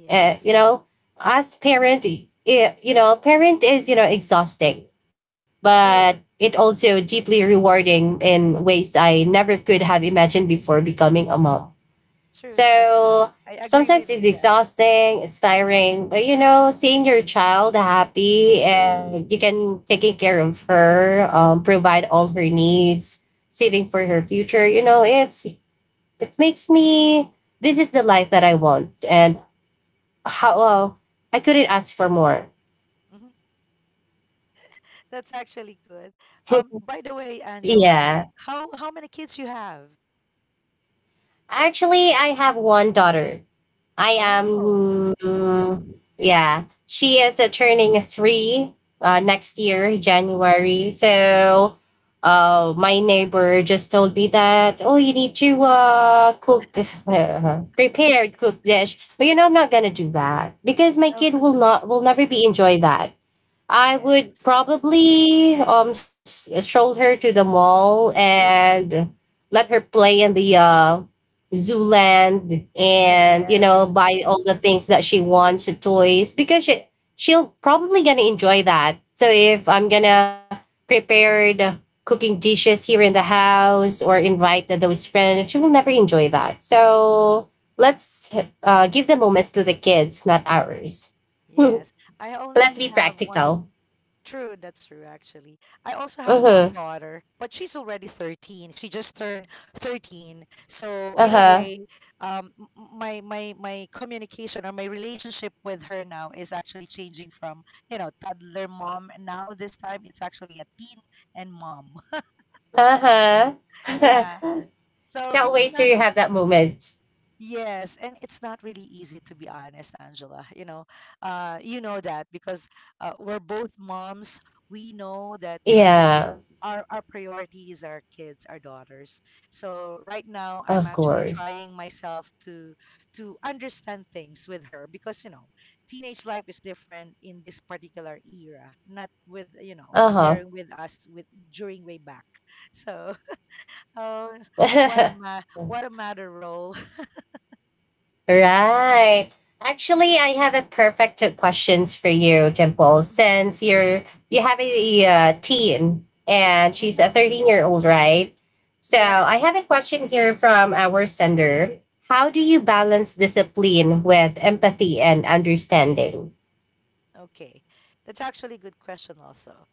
Speaker 1: You
Speaker 2: Yes.
Speaker 1: know, as parent, it, you know, parent is, you know, exhausting, but it
Speaker 2: True.
Speaker 1: also deeply rewarding in ways I never could have imagined before becoming a mom.
Speaker 2: True. That's
Speaker 1: So
Speaker 2: true. I
Speaker 1: sometimes
Speaker 2: agree
Speaker 1: it's
Speaker 2: with you that.
Speaker 1: exhausting, it's tiring, but, you know, seeing your child happy and you can taking care of her, provide all her needs, saving for her future, you know, it makes me, this is the life that I want, and how well, I couldn't ask for more.
Speaker 2: Mhm. That's actually good. By the way, Angela,
Speaker 1: Yeah,
Speaker 2: how many kids you have?
Speaker 1: actually I have one daughter. I am,
Speaker 2: Oh,
Speaker 1: yeah, she is, turning three next year, January. So my neighbor just told me that, oh, you need to, cook prepared cook dish, but, you know, I'm not gonna do that because my kid will not will never be enjoy that. I would
Speaker 2: yes.
Speaker 1: probably stroll her to the mall and let her play in the Zooland, and, you
Speaker 2: Yes.
Speaker 1: know, buy all the things that she wants, the toys, because she'll probably gonna enjoy that. So if I'm gonna prepare the cooking dishes here in the house or invite those friends, she will never enjoy that. So let's,
Speaker 2: Mhm.
Speaker 1: give the moments to the kids, not ours.
Speaker 2: Yes. I
Speaker 1: Let's be
Speaker 2: only have one.
Speaker 1: practical.
Speaker 2: True, that's true actually. I also have
Speaker 1: Uh-huh.
Speaker 2: one daughter, but she's already 13. She just turned 13. So in a
Speaker 1: Uh-huh.
Speaker 2: way, my communication or my relationship with her now is actually changing from, toddler mom, and now this time it's actually a teen and mom.
Speaker 1: Uh-huh.
Speaker 2: Yeah. So
Speaker 1: Can't
Speaker 2: it's
Speaker 1: wait to have that moment.
Speaker 2: Yes, and it's not really easy, to be honest, Angela. You know that because we're both moms. We know that
Speaker 1: Yeah,
Speaker 2: our priority is our kids, our daughters. So right now,
Speaker 1: of
Speaker 2: I'm actually
Speaker 1: course.
Speaker 2: trying myself to understand things with her because, you know, teenage life is different in this particular era, not with, you know,
Speaker 1: Uh-huh.
Speaker 2: comparing with us with during way back. So oh, what a matter role.
Speaker 1: Right. Actually, I have a perfect questions for you, Dimple. Since you have a, teen, and she's a
Speaker 2: Hmm.
Speaker 1: 13-year-old, right? So I
Speaker 2: Yeah.
Speaker 1: have a question here from our sender. How do you balance discipline with empathy and understanding?
Speaker 2: Okay. That's actually a good question also.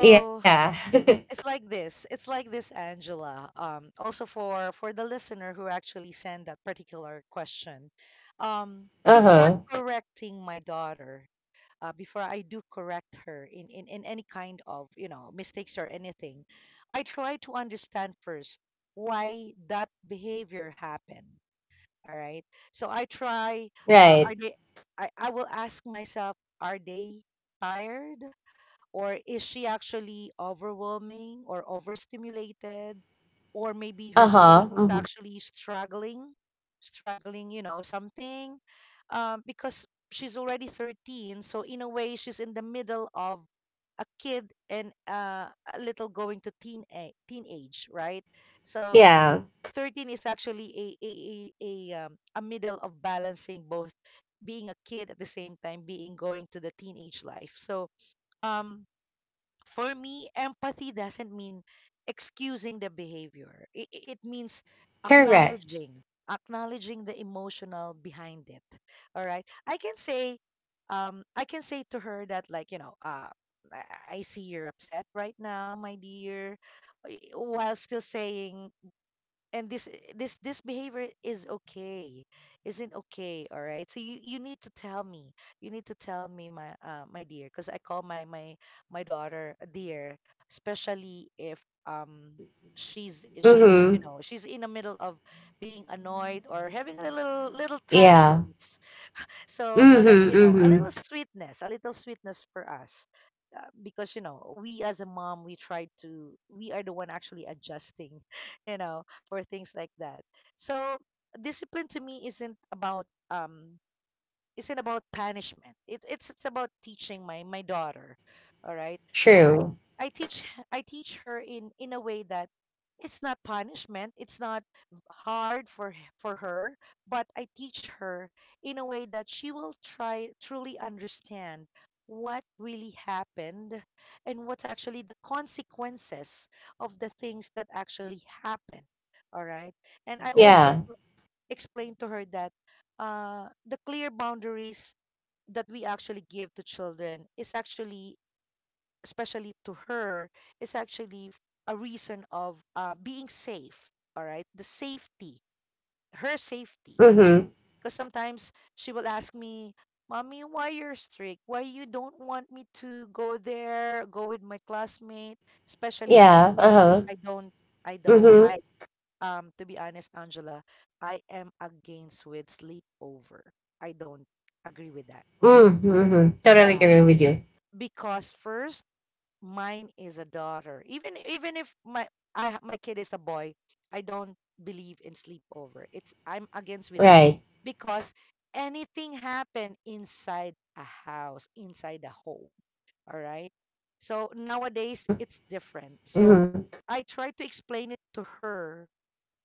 Speaker 1: Yeah.
Speaker 2: It's like this, Angela. Also, for the listener who actually sent that particular question.
Speaker 1: Uh
Speaker 2: Before
Speaker 1: huh.
Speaker 2: correcting my daughter, before I do correct her in, in any kind of, you know, mistakes or anything, I try to understand first why that behavior happened. All right. So I try, uh,
Speaker 1: Right.
Speaker 2: are they, I will ask myself, are they tired? Or is she actually overwhelming or overstimulated? Or maybe
Speaker 1: Uh
Speaker 2: her
Speaker 1: huh.
Speaker 2: feeling is
Speaker 1: Mhm.
Speaker 2: actually struggling, you know, something. Because she's already 13. So in a way, she's in the middle of a kid and a little going to teenage, right? So
Speaker 1: Yeah.
Speaker 2: 13 is actually a middle of balancing both being a kid at the same time being going to the teenage life. So um for me, empathy doesn't mean excusing the behavior. It means
Speaker 1: Correct.
Speaker 2: acknowledging acknowledging the emotional behind it. All right? I can say to her that, like, you know, I see you're upset right now, my dear, while still saying and this eh, this behavior is okay isn't okay. All right, so you need to tell me, you need to tell me, my dear, because I call my daughter a dear, especially if
Speaker 1: Mm
Speaker 2: she's,
Speaker 1: hmm.
Speaker 2: you know, she's in the middle of being annoyed or having a little little
Speaker 1: Yeah.
Speaker 2: tantrums. So,
Speaker 1: Mm
Speaker 2: so that,
Speaker 1: hmm.
Speaker 2: you
Speaker 1: Mm
Speaker 2: know, a little
Speaker 1: hmm.
Speaker 2: sweetness, a little sweetness for us, because, you know, we as a mom, we try to we are the one actually adjusting you know, for things like that. So discipline to me isn't about punishment. It's about teaching my my daughter. All right, I
Speaker 1: True.
Speaker 2: I I teach I teach her in a way that it's not punishment. It's not hard for her, but I teach her in a way that she will try truly understand what really happened and what's actually the consequences of the things that actually happen. All right, and I also
Speaker 1: Yeah.
Speaker 2: explain to her that the clear boundaries that we actually give to children is actually, especially to her, is actually f- a reason of being safe. All right, the safety, her safety.
Speaker 1: Mm hmm.
Speaker 2: Because sometimes she will ask me, "Mommy, why you're strict? Why you don't want me to go there, go with my classmate?" Especially, I
Speaker 1: Yeah. Uh
Speaker 2: don't,
Speaker 1: huh.
Speaker 2: I don't, I
Speaker 1: Mm
Speaker 2: don't,
Speaker 1: hmm.
Speaker 2: I. To be honest, Angela, I am against with sleepover. I don't agree with that.
Speaker 1: Mm hmm. Totally
Speaker 2: Yeah,
Speaker 1: agree with you.
Speaker 2: because first, mine is a daughter. Even if my my kid is a boy, I don't believe in sleepover. It's I'm against with that
Speaker 1: Right.
Speaker 2: because anything happen inside a house, inside a home. All right. So nowadays
Speaker 1: Mm
Speaker 2: it's different. So
Speaker 1: hmm.
Speaker 2: I try to explain it to her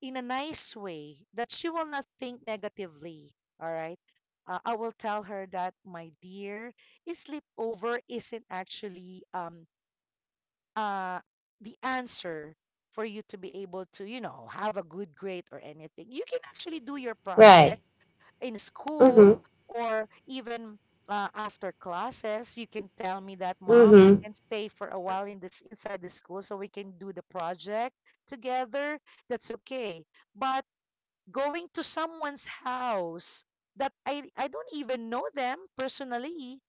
Speaker 2: in a nice way that she will not think negatively. All right. I will tell her that, my dear, is sleepover isn't actually uh the answer for you to be able to, you know, have a good grade, or anything. You can actually do your
Speaker 1: Right.
Speaker 2: project in
Speaker 1: Mm hmm.
Speaker 2: school, or even, after classes, you can tell me that,
Speaker 1: Mm
Speaker 2: mom, I
Speaker 1: hmm.
Speaker 2: can stay for a while in this inside the school so we can do the project together. That's okay. But going to someone's house that I don't even know them personally,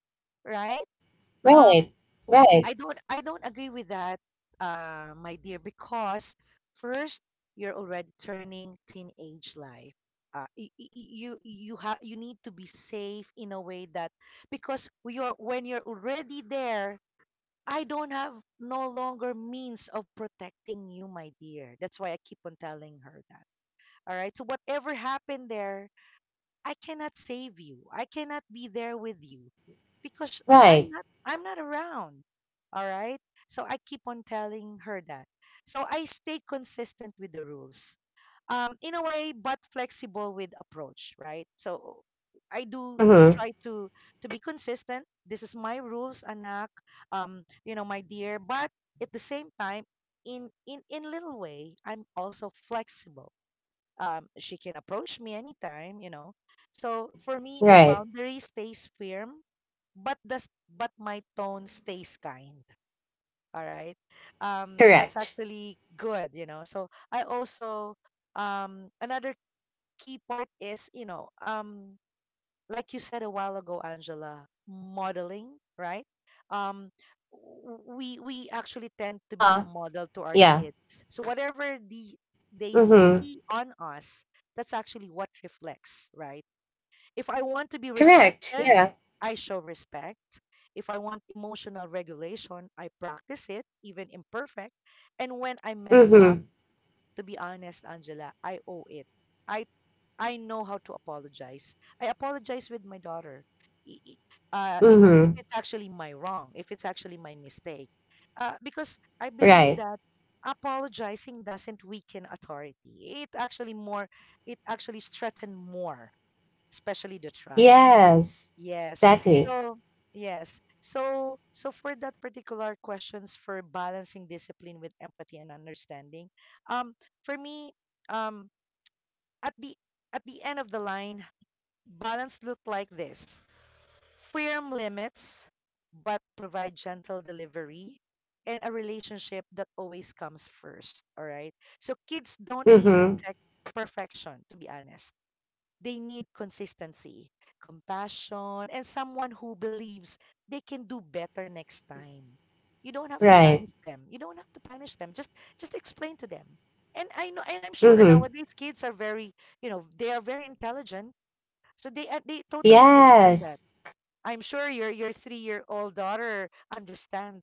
Speaker 2: right? um
Speaker 1: Right. Right.
Speaker 2: I don't agree with that, my dear, because first, you're already turning teenage life. You have, you need to be safe in a way that because we are when you're already there, I don't have no longer means of protecting you, my dear. That's why I keep on telling her that. All right. So whatever happened there, I cannot save you. I cannot be there with you because
Speaker 1: Right.
Speaker 2: I'm not around. All right? So I keep on telling her that. So I stay consistent with the rules. In a way, but flexible with approach, right? So I do
Speaker 1: Mm hmm.
Speaker 2: try to be consistent. This is my rules, anak. You know, my dear, but at the same time, in little way, I'm also flexible. She can approach me anytime, you know. So for me, the
Speaker 1: Right.
Speaker 2: boundary stays firm, but my tone stays kind. All right,
Speaker 1: Correct.
Speaker 2: that's actually good, you know. So I also another key part is, you know, like you said a while ago, Angela, modeling, right? Um, we actually
Speaker 1: Uh
Speaker 2: tend
Speaker 1: huh.
Speaker 2: to be a model
Speaker 1: Yeah.
Speaker 2: to our kids. So whatever they
Speaker 1: Mm hmm.
Speaker 2: see on us, that's actually what reflects, right? If I want to be
Speaker 1: Correct.
Speaker 2: respected,
Speaker 1: Yeah.
Speaker 2: I show respect. If I want emotional regulation, I practice it, even imperfect. And when I
Speaker 1: Mm
Speaker 2: mess up,
Speaker 1: hmm.
Speaker 2: to be honest, Angela, I owe it. I I know how to apologize. I apologize with my daughter. I- i-
Speaker 1: Mm
Speaker 2: if
Speaker 1: hmm.
Speaker 2: it's actually my wrong, if it's actually my mistake, because I
Speaker 1: Right.
Speaker 2: believe that apologizing doesn't weaken authority. It actually strengthens more, especially the trust.
Speaker 1: Yes.
Speaker 2: Yes.
Speaker 1: Exactly.
Speaker 2: So yes. So so for that particular questions for balancing discipline with empathy and understanding, um, for me, um, at the at the end of the line, balance look like this: firm limits, but provide gentle delivery and a relationship that always comes first. All right. So kids don't need
Speaker 1: Mm-hmm.
Speaker 2: protect perfection, to be honest. They need consistency, compassion, and someone who believes they can do better next time. You don't have to punish
Speaker 1: Right.
Speaker 2: them. You don't have to punish them. Just explain to them. And I know, and I'm sure,
Speaker 1: Mm-hmm.
Speaker 2: nowadays kids are very, you know, they are very intelligent, so they, they totally understand that.
Speaker 1: Yes.
Speaker 2: I'm sure your 3 year old daughter understands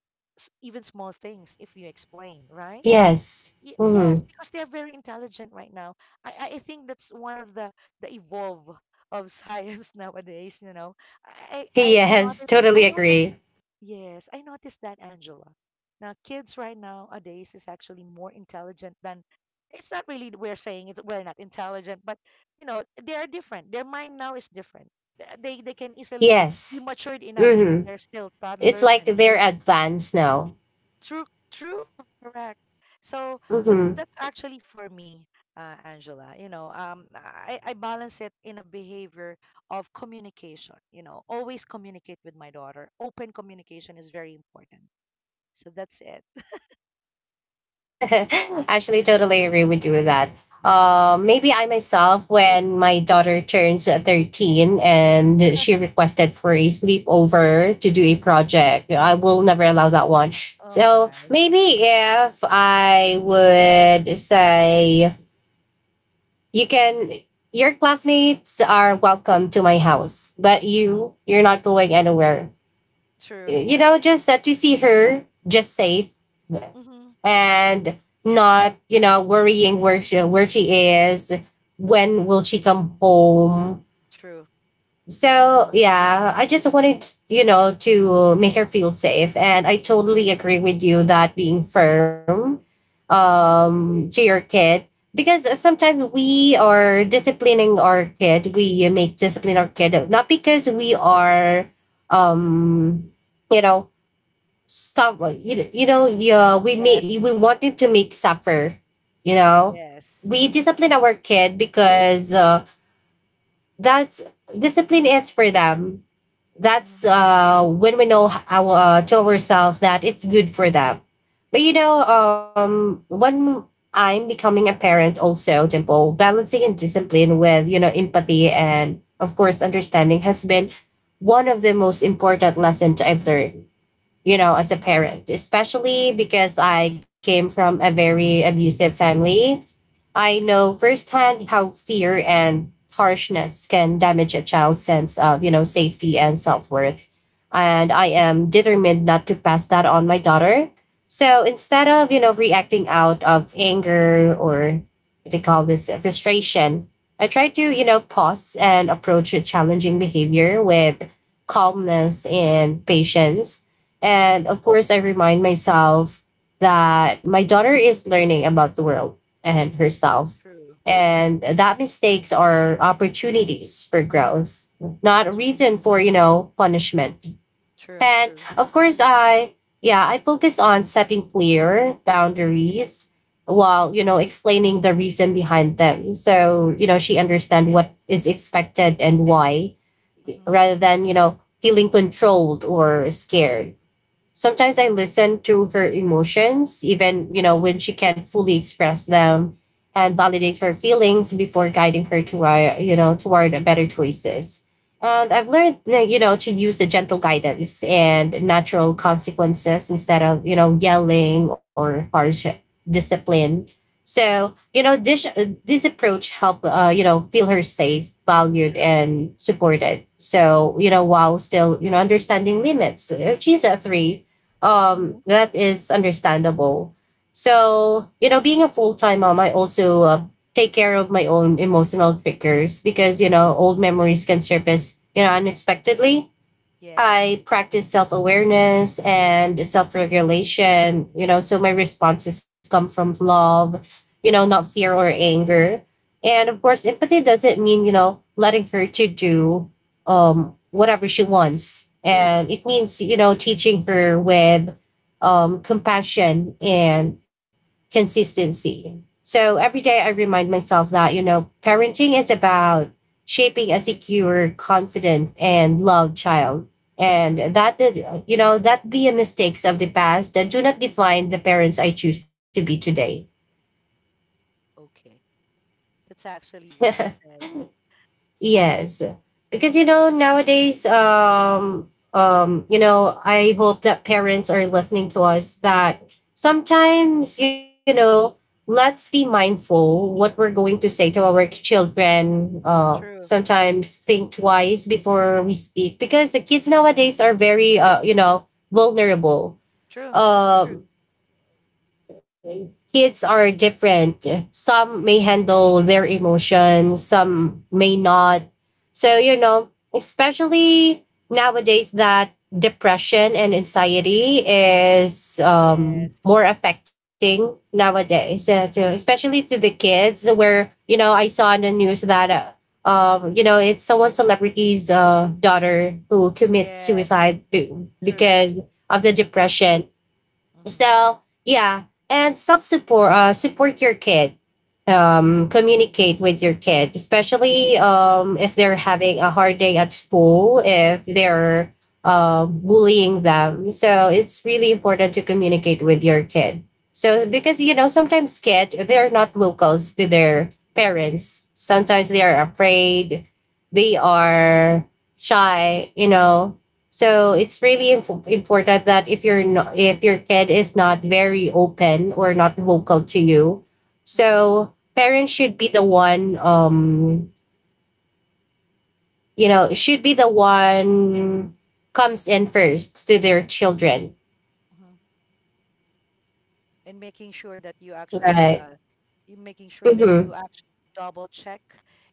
Speaker 2: even small things if you explain, right?
Speaker 1: Yes.
Speaker 2: Yes,
Speaker 1: Mm-hmm.
Speaker 2: because they are very intelligent right now. I think that's one of the evolve of science nowadays. You know,
Speaker 1: Yes. Totally
Speaker 2: I noticed.
Speaker 1: agree.
Speaker 2: Yes, I noticed that, Angela. Now, kids right nowadays is actually more intelligent than, it's not really we're saying it's we're not intelligent, but, you know, they are different. Their mind now is different. They can easily be
Speaker 1: Yes.
Speaker 2: matured enough even
Speaker 1: Mm-hmm.
Speaker 2: they're still
Speaker 1: It's
Speaker 2: toddlers
Speaker 1: like
Speaker 2: and
Speaker 1: they're
Speaker 2: kids.
Speaker 1: advanced now.
Speaker 2: True, true, correct. So
Speaker 1: Mm-hmm.
Speaker 2: that's actually for me, Angela. You know, I balance it in a behavior of communication. You know, always communicate with my daughter. Open communication is very important, so that's it.
Speaker 1: Actually, totally agree with you with that. Maybe I myself, when my daughter turns 13 and she requested for a sleepover to do a project, I will never allow that one.
Speaker 2: Oh
Speaker 1: So
Speaker 2: my.
Speaker 1: maybe if I would say, you can your classmates are welcome to my house, but
Speaker 2: Hmm.
Speaker 1: you're not going anywhere.
Speaker 2: True.
Speaker 1: You know, just that to see her just safe,
Speaker 2: Hmm.
Speaker 1: and not, you know, worrying where where she is, when will she come home.
Speaker 2: True.
Speaker 1: So, yeah, I just wanted, you know, to make her feel safe, and I totally agree with you that being firm,
Speaker 2: Hmm.
Speaker 1: to your kid, because sometimes we are disciplining our kid. We make discipline our kid not because we are, um, you know, stop. You know, yeah,
Speaker 2: Yes.
Speaker 1: we wanted to make suffer. You know,
Speaker 2: Yes.
Speaker 1: we discipline our kid because, that's, discipline is for them, that's,
Speaker 2: Hmm.
Speaker 1: when we know our, to ourselves, that it's good for them. But, you know, when I'm becoming a parent also, Dimple, balancing and discipline with, you know, empathy and of course understanding has been one of the most important lessons I've learned, you know,
Speaker 2: Hmm.
Speaker 1: as a parent, especially because I came from a very abusive family. I
Speaker 2: Okay.
Speaker 1: know firsthand how fear and harshness can damage a child's sense of, you know, safety and self-worth.
Speaker 2: Hmm.
Speaker 1: And I am determined not to pass that on my daughter. So instead of, you know, reacting out of anger or what they call this, frustration, I try to, you know, pause and approach a challenging behavior with calmness and patience. And of course, I remind myself that my daughter is learning about the world and herself.
Speaker 2: True.
Speaker 1: And that mistakes are opportunities for growth, not a reason for, you know, punishment.
Speaker 2: True.
Speaker 1: And
Speaker 2: True.
Speaker 1: of course, I, yeah, I focus on setting clear boundaries
Speaker 2: Hmm.
Speaker 1: while, you know, explaining the reason behind them. So, you know, she understand what is expected and why,
Speaker 2: Hmm.
Speaker 1: rather than, you know, feeling controlled or scared. Sometimes I listen to her emotions, even, you know, when she can't fully express them, and validate her feelings before guiding her to, you know, toward better choices. And I've learned, like, you know, to use a gentle guidance and natural consequences instead of, you know, yelling or harsh discipline. So, you know, this approach helped, you know, feel her safe, valued,
Speaker 2: True.
Speaker 1: and supported. So, you know, while still, you know, understanding limits. If she's a three,
Speaker 2: Hmm.
Speaker 1: that is understandable. So, you know, being a full time mom, I also, take care of my own emotional triggers because, you know, old memories can surface, you know, unexpectedly.
Speaker 2: Yes.
Speaker 1: I practice self awareness and self regulation, you know, so my responses come from love, you know, not
Speaker 2: Hmm.
Speaker 1: fear or anger. And of course, empathy doesn't mean, you know, letting her to do, whatever she wants. And it means, teaching her with compassion and consistency. So every day I remind myself that, parenting is about shaping a secure, confident, and loved child, and
Speaker 2: Uh-huh.
Speaker 1: that the mistakes of the past that do not define the parents I choose to be today.
Speaker 2: Okay. That's actually well said.
Speaker 1: Yes, because you know nowadays, I hope that parents are listening to us. That sometimes, let's be mindful what we're going to say to our children.
Speaker 2: True.
Speaker 1: Sometimes think twice before we speak because the kids nowadays are very, vulnerable.
Speaker 2: True. That's true.
Speaker 1: Um Kids are different. Some may handle their emotions, some may not. So, especially nowadays that depression and anxiety is
Speaker 2: Yes.
Speaker 1: more affecting nowadays, especially to the kids, where, I saw in the news that. It's someone celebrity's daughter who commits
Speaker 2: Yes.
Speaker 1: suicide
Speaker 2: True.
Speaker 1: because of the depression.
Speaker 2: Hmm.
Speaker 1: So yeah, and self support. Support your kid. Communicate with your kid, especially
Speaker 2: Yes.
Speaker 1: if they're having a hard day at school. If they're bullying them, so it's really important to communicate with your kid. So
Speaker 2: Yeah.
Speaker 1: because you know sometimes kids they're not locals to their parents. Sometimes they are afraid. They are shy. You know, so it's really important that if you're not, if your kid is not very open or not vocal to you,
Speaker 2: Hmm.
Speaker 1: so parents should be the one, should be the one comes in first to their children,
Speaker 2: Hmm. And making sure that you actually
Speaker 1: right?
Speaker 2: you making sure that you
Speaker 1: Mm-hmm.
Speaker 2: actually double check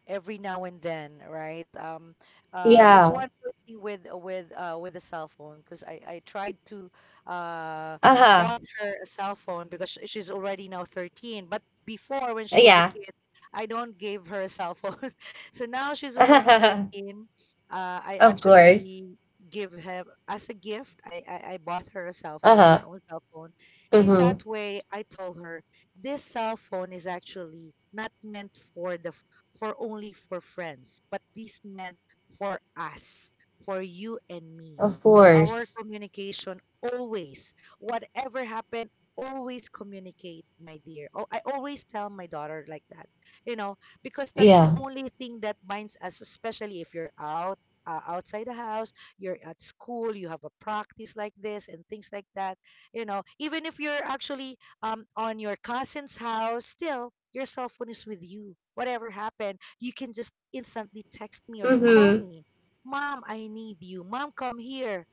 Speaker 2: every now and then, right? That's
Speaker 1: Yeah.
Speaker 2: one good thing with a cell phone, because I tried to, uh
Speaker 1: Uh huh.
Speaker 2: bought her a cell phone because she's already now 13. But before, when she was a
Speaker 1: Yeah.
Speaker 2: kid, I don't give her a cell phone. So now she's already 13, I
Speaker 1: Of
Speaker 2: actually
Speaker 1: course.
Speaker 2: give her as a gift. I bought her a cell
Speaker 1: Uh
Speaker 2: phone, her
Speaker 1: huh.
Speaker 2: own cell phone. In
Speaker 1: Mm-hmm.
Speaker 2: that way, I told her, this cell phone is actually not meant for only for friends, but this meant for us, for you and me,
Speaker 1: Of
Speaker 2: for our
Speaker 1: course.
Speaker 2: communication always. Whatever happened, always communicate, my dear. Oh, I always tell my daughter like that. You know, because that's the
Speaker 1: Yeah.
Speaker 2: only thing that binds us, especially if you're out, outside the house, you're at school, you have a practice like this and things like that. You know, even if you're actually, on your cousin's house, still your cell phone is with you. Whatever happened, you can just instantly text me or call
Speaker 1: Mm-hmm.
Speaker 2: me. Mom, I need you. Mom, come here.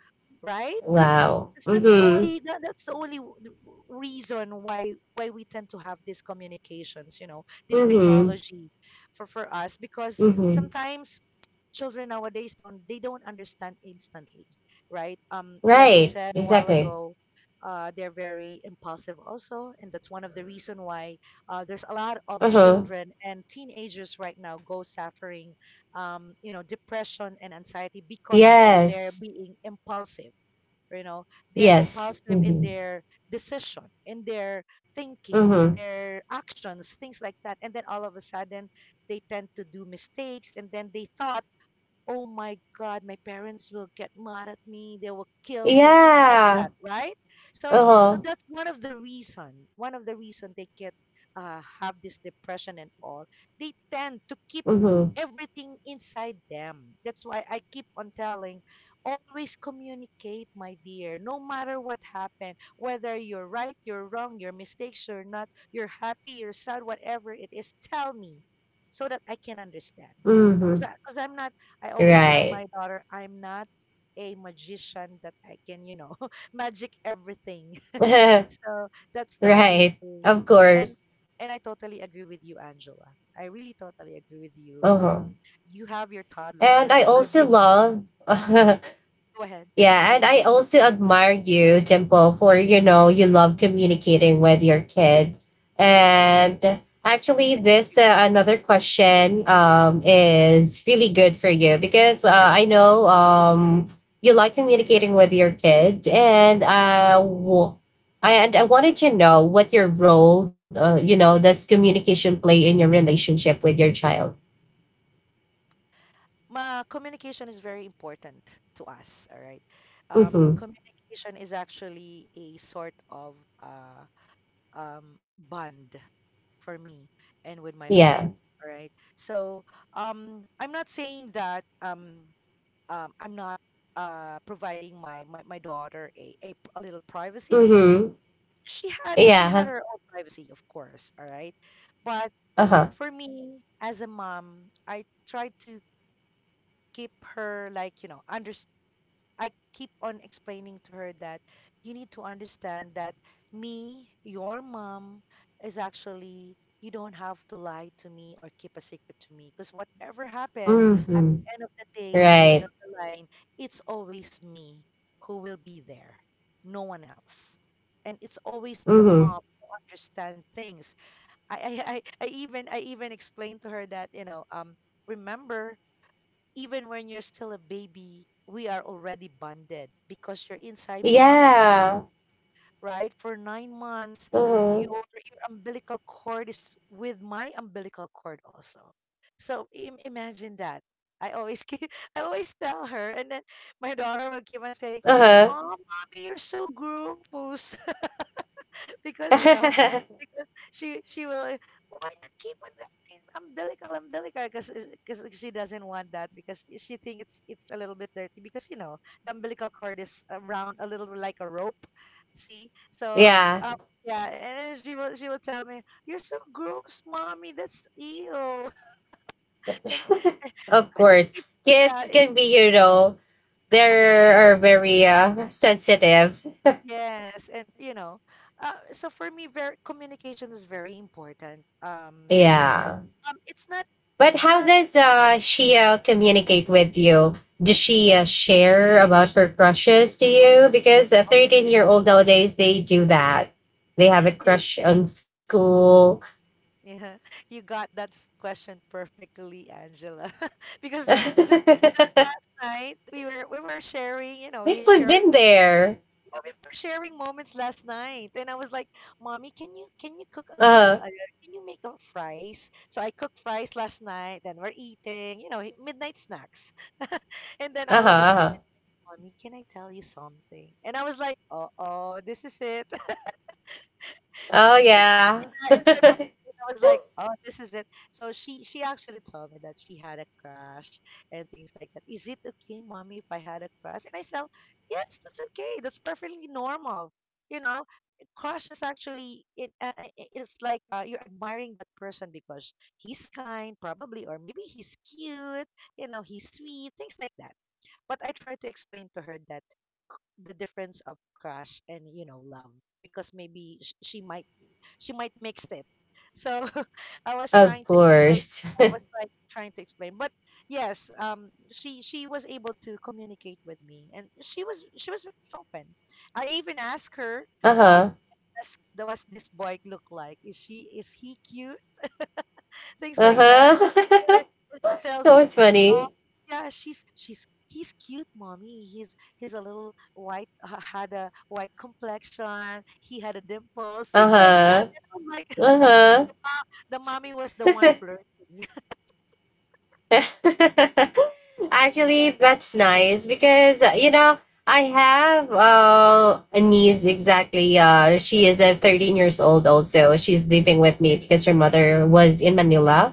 Speaker 2: Right? Because
Speaker 1: Wow.
Speaker 2: that's the
Speaker 1: Mm-hmm.
Speaker 2: only that's the only reason why we tend to have these communications, you know, this
Speaker 1: Mm-hmm.
Speaker 2: technology for us, because
Speaker 1: Mm-hmm.
Speaker 2: sometimes children nowadays don't, they don't understand instantly, right? Like you
Speaker 1: Right.
Speaker 2: said a while
Speaker 1: Exactly.
Speaker 2: ago, they're very impulsive also, and that's one of the, right, reason why there's a lot
Speaker 1: Uh
Speaker 2: of
Speaker 1: huh.
Speaker 2: children and teenagers right now go suffering, depression and anxiety because of their
Speaker 1: Yes.
Speaker 2: being impulsive. You know, they're
Speaker 1: Yes.
Speaker 2: impulsive in
Speaker 1: Mm-hmm.
Speaker 2: their decision, in their
Speaker 1: Mm-hmm.
Speaker 2: thinking, in their actions, things like that. And then all of a sudden, they tend to do mistakes, and then they thought, "Oh my god, my parents will get mad at me, they will kill me," things like
Speaker 1: Yeah.
Speaker 2: that, right? so
Speaker 1: Uh
Speaker 2: so
Speaker 1: huh.
Speaker 2: that's one of the reason, they get have this depression and all. They tend to keep
Speaker 1: Mm-hmm.
Speaker 2: everything inside them. That's why I keep on telling, always communicate, my dear, no matter what happened, whether you're right, you're wrong, your mistakes or not, you're happy, you're sad, whatever it is, tell me, so that I can understand.
Speaker 1: Mm-hmm.
Speaker 2: Because i'm not I always tell
Speaker 1: Right.
Speaker 2: my daughter, I'm not a magician that I can, magic everything. So that's the only
Speaker 1: Right.
Speaker 2: thing.
Speaker 1: Of
Speaker 2: And
Speaker 1: course.
Speaker 2: and I totally agree with you, Angela. I really totally agree with you.
Speaker 1: Uh huh.
Speaker 2: You have your
Speaker 1: And I
Speaker 2: toddler. I've
Speaker 1: also
Speaker 2: been.
Speaker 1: love.
Speaker 2: Go ahead.
Speaker 1: Yeah, and I also admire you, Dimple, for you know you love communicating with your kid.
Speaker 2: Yes.
Speaker 1: And actually,
Speaker 2: Thank you.
Speaker 1: this another question is really good for you because I know you like communicating with your kid, and
Speaker 2: Mm.
Speaker 1: I wanted to know what your role, does communication play in your relationship with your child?
Speaker 2: Ma, communication is very important to us. All right.
Speaker 1: Mm-hmm.
Speaker 2: Communication is actually a sort of bond for me and with my
Speaker 1: Yeah.
Speaker 2: daughter. All right. So I'm not saying that I'm not providing my my daughter a little privacy.
Speaker 1: Mm-hmm.
Speaker 2: she had she
Speaker 1: Yeah.
Speaker 2: had her own privacy, of course, all right? But
Speaker 1: Uh huh.
Speaker 2: for me as a mom, I try to keep her like, under. I keep on explaining to her that you need to understand that me, your mom, is actually, you don't have to lie to me or keep a secret to me, because whatever happened at
Speaker 1: Mm-hmm.
Speaker 2: the end of the day, at the end
Speaker 1: Right.
Speaker 2: of the line, it's always me who will be there, no one else. And it's always the
Speaker 1: Mhm.
Speaker 2: mom who understand things. I, I even explained to her that, remember, even when you're still a baby, we are already bonded because you're inside mommy's,
Speaker 1: Yeah.
Speaker 2: right? For 9 months, your,
Speaker 1: Mhm.
Speaker 2: your umbilical cord is with my umbilical cord also. So imagine that. I always keep, I always tell her, and then my daughter will keep on saying,
Speaker 1: Uh
Speaker 2: "Oh, mommy, you're so groovy." Because,
Speaker 1: huh.
Speaker 2: because she will, "Why you keep on that thing, umbilical umbilical?" Because she doesn't want that, because she think it's a little bit dirty, because the umbilical cord is around a little like a rope, see? So,
Speaker 1: Yeah.
Speaker 2: um, yeah, and then she will tell me, "You're so gross, mommy, that's ew." and and
Speaker 1: Of
Speaker 2: I just
Speaker 1: course,
Speaker 2: keep, yeah,
Speaker 1: kids can be. You know, they are very sensitive.
Speaker 2: yes, and, so for me, very, communication is very important,
Speaker 1: Yeah.
Speaker 2: um it's not
Speaker 1: But
Speaker 2: it's
Speaker 1: how
Speaker 2: not.
Speaker 1: does she communicate with you? Does she share about her crushes to you? Because a
Speaker 2: Oh,
Speaker 1: 13-year-old nowadays they do that. They have a
Speaker 2: you,
Speaker 1: crush on school.
Speaker 2: yeah, you got that question perfectly, Angela. Because just tonight we were sharing, you know,
Speaker 1: We've
Speaker 2: we were
Speaker 1: we've been
Speaker 2: sharing
Speaker 1: there.
Speaker 2: yeah, we were sharing moments last night, and I was like, "Mommy, can you cook a
Speaker 1: Uh
Speaker 2: little?
Speaker 1: huh.
Speaker 2: Can you make up fries?" So I cooked fries last night. Then we're eating, you know, midnight snacks, and then
Speaker 1: Uh
Speaker 2: all
Speaker 1: huh.
Speaker 2: of a
Speaker 1: Uh
Speaker 2: sudden,
Speaker 1: huh.
Speaker 2: "Mommy, can I tell you something?" And I was like, "Uh oh, this is it."
Speaker 1: Oh
Speaker 2: I
Speaker 1: yeah.
Speaker 2: entered my, I was like, "Oh, this is it." So she actually told me that she had a crush and things like that. "Is it okay, mommy, if I had a crush?" And I said, "Yes, that's okay. That's perfectly normal." You know, crush is actually it. It's like, you're admiring that person because he's kind, probably, or maybe he's cute. You know, he's sweet, things like that. But I tried to explain to her that the difference of crush and, you know, love, because maybe she might mix it. So I was
Speaker 1: Of
Speaker 2: trying to explain.
Speaker 1: course.
Speaker 2: I was like trying to explain, but yes, she was able to communicate with me, and she was very open. I even asked her, uh,
Speaker 1: Uh-huh.
Speaker 2: does this boy look like? Is he cute? Things like that.
Speaker 1: Uh-huh.
Speaker 2: Even if she tells
Speaker 1: That
Speaker 2: me,
Speaker 1: was
Speaker 2: oh,
Speaker 1: funny.
Speaker 2: yeah, she's he's cute, mommy. He's a little white, had a white complexion. He had a dimples, things like that.
Speaker 1: Uh-huh.
Speaker 2: And I am like,
Speaker 1: Uh-huh.
Speaker 2: the mommy was the one flirting.
Speaker 1: Actually, that's nice because you know, I have a niece exactly. She is 13 years old. Also, she's living with me because her mother was in Manila.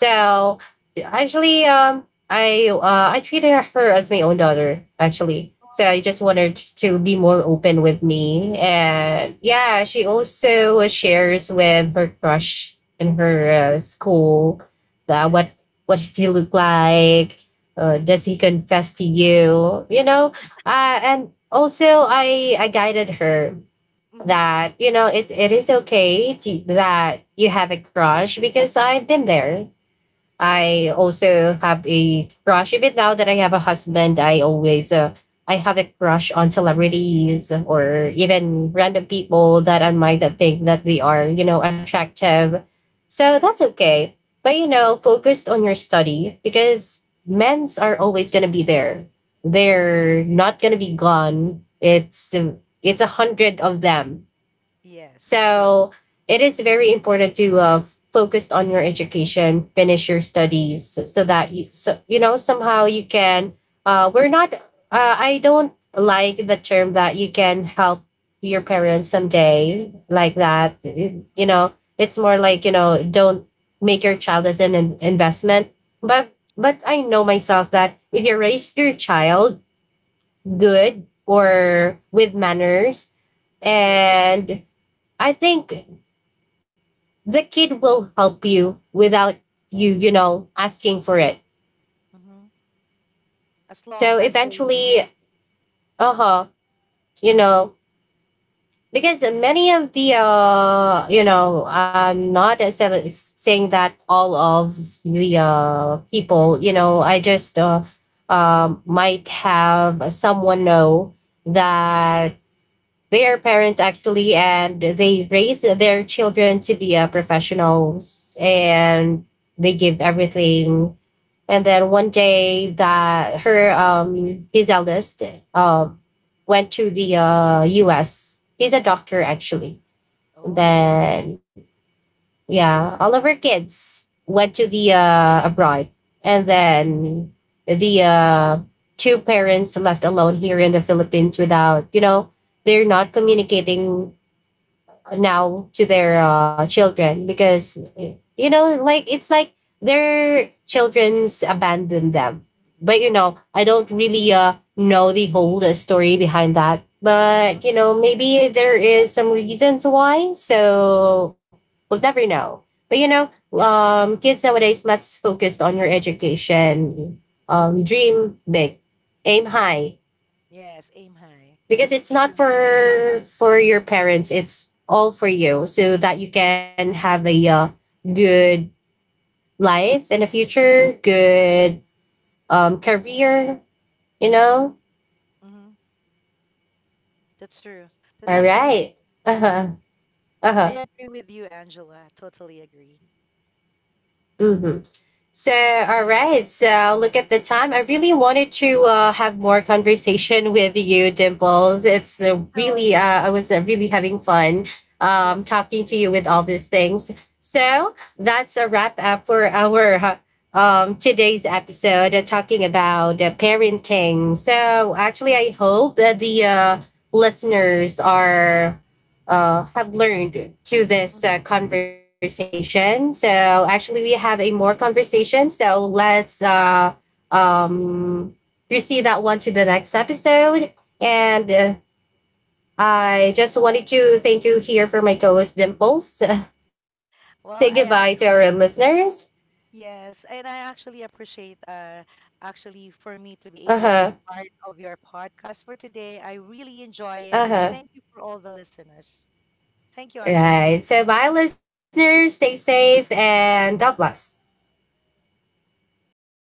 Speaker 2: Uh-huh.
Speaker 1: actually, I treated her as my own daughter. Actually, so I
Speaker 2: Oh.
Speaker 1: just wanted to be more open with me, and yeah, she also shares with her crush in her school. uh, what what does he look like? Does he confess to you? You know, and also I guided her
Speaker 2: Mm-hmm.
Speaker 1: that you know it is okay to, that you have a crush because I've been there.
Speaker 2: Yes.
Speaker 1: I also have a crush. Even now that I have a husband, I always I have a crush on celebrities or even random people that I might think that they are you know attractive. So that's
Speaker 2: Uh-huh.
Speaker 1: okay. But you know,
Speaker 2: Yeah.
Speaker 1: focused on your study because men's are always gonna be there.
Speaker 2: Yeah.
Speaker 1: They're not gonna be gone. It's a hundred of them,
Speaker 2: Yes. True.
Speaker 1: so it is very important to focus on your education, finish your studies, so, so that you so you know somehow you can. We're not. I don't like the term that you can help your parents someday like that.
Speaker 2: Mm,
Speaker 1: You
Speaker 2: mhm.
Speaker 1: know, it's more like you know don't make your child as an investment. But I know myself that if you raise your child good or with manners,
Speaker 2: Yeah.
Speaker 1: and I think the kid will help you without you, you know, asking for it.
Speaker 2: Mm-hmm. As long
Speaker 1: So
Speaker 2: as they.
Speaker 1: eventually, uh huh, you know, because many of the, you know, I'm not saying that all of the people, you know, I just might have someone know that their parent actually, and they raise their children to be professionals and they give everything. And then
Speaker 2: Mm-hmm.
Speaker 1: one day that her his eldest um went to the US. He's a doctor actually. And
Speaker 2: Oh.
Speaker 1: then yeah, all of her kids went to the abroad. And then the two parents left alone here in the Philippines without, you know, they're not communicating now to
Speaker 2: Mm.
Speaker 1: their children because you know like it's like their children's abandoned them, but you
Speaker 2: Oh.
Speaker 1: know I don't really know the whole story behind that,
Speaker 2: Uh-huh.
Speaker 1: but you know maybe there is some reasons why, so we'll never know. But you know,
Speaker 2: Yeah.
Speaker 1: kids nowadays, let's focus on your education, dream big, aim
Speaker 2: Mhm.
Speaker 1: high,
Speaker 2: Yes. Aim high.
Speaker 1: because it's not
Speaker 2: True.
Speaker 1: for for your parents, it's all for you, so that you can have a good life in the future, good career, you know.
Speaker 2: Mm-hmm. That's true. That's
Speaker 1: All
Speaker 2: actually.
Speaker 1: right. Uh-huh.
Speaker 2: I
Speaker 1: Uh-huh.
Speaker 2: agree with you, Angela. I totally agree.
Speaker 1: Mm-hmm. So, all right. So, look at the time. I really wanted to have more conversation with you, Dimples. It's
Speaker 2: So
Speaker 1: really,
Speaker 2: I,
Speaker 1: I was really having fun
Speaker 2: yes.
Speaker 1: talking
Speaker 2: Me
Speaker 1: to
Speaker 2: too.
Speaker 1: you with all these things. So, that's a wrap up for our today's episode talking about parenting. So, actually, I hope that the listeners are have learned to
Speaker 2: Mhm.
Speaker 1: this conversation. So actually, we have a more conversation. So let's um, proceed that one to the next episode.
Speaker 2: Yeah.
Speaker 1: And I just wanted to thank you here for my co-host Dimples.
Speaker 2: Well,
Speaker 1: Say
Speaker 2: I
Speaker 1: goodbye to
Speaker 2: actually.
Speaker 1: our listeners.
Speaker 2: Yes, and I actually appreciate, uh, actually, for me to be able
Speaker 1: Uh
Speaker 2: to be
Speaker 1: huh.
Speaker 2: part of your podcast for today. I really enjoy it, and
Speaker 1: Uh
Speaker 2: thank you
Speaker 1: huh.
Speaker 2: for all the listeners. Thank you, Angela.
Speaker 1: Right. So bye, listeners. Stay safe and God bless.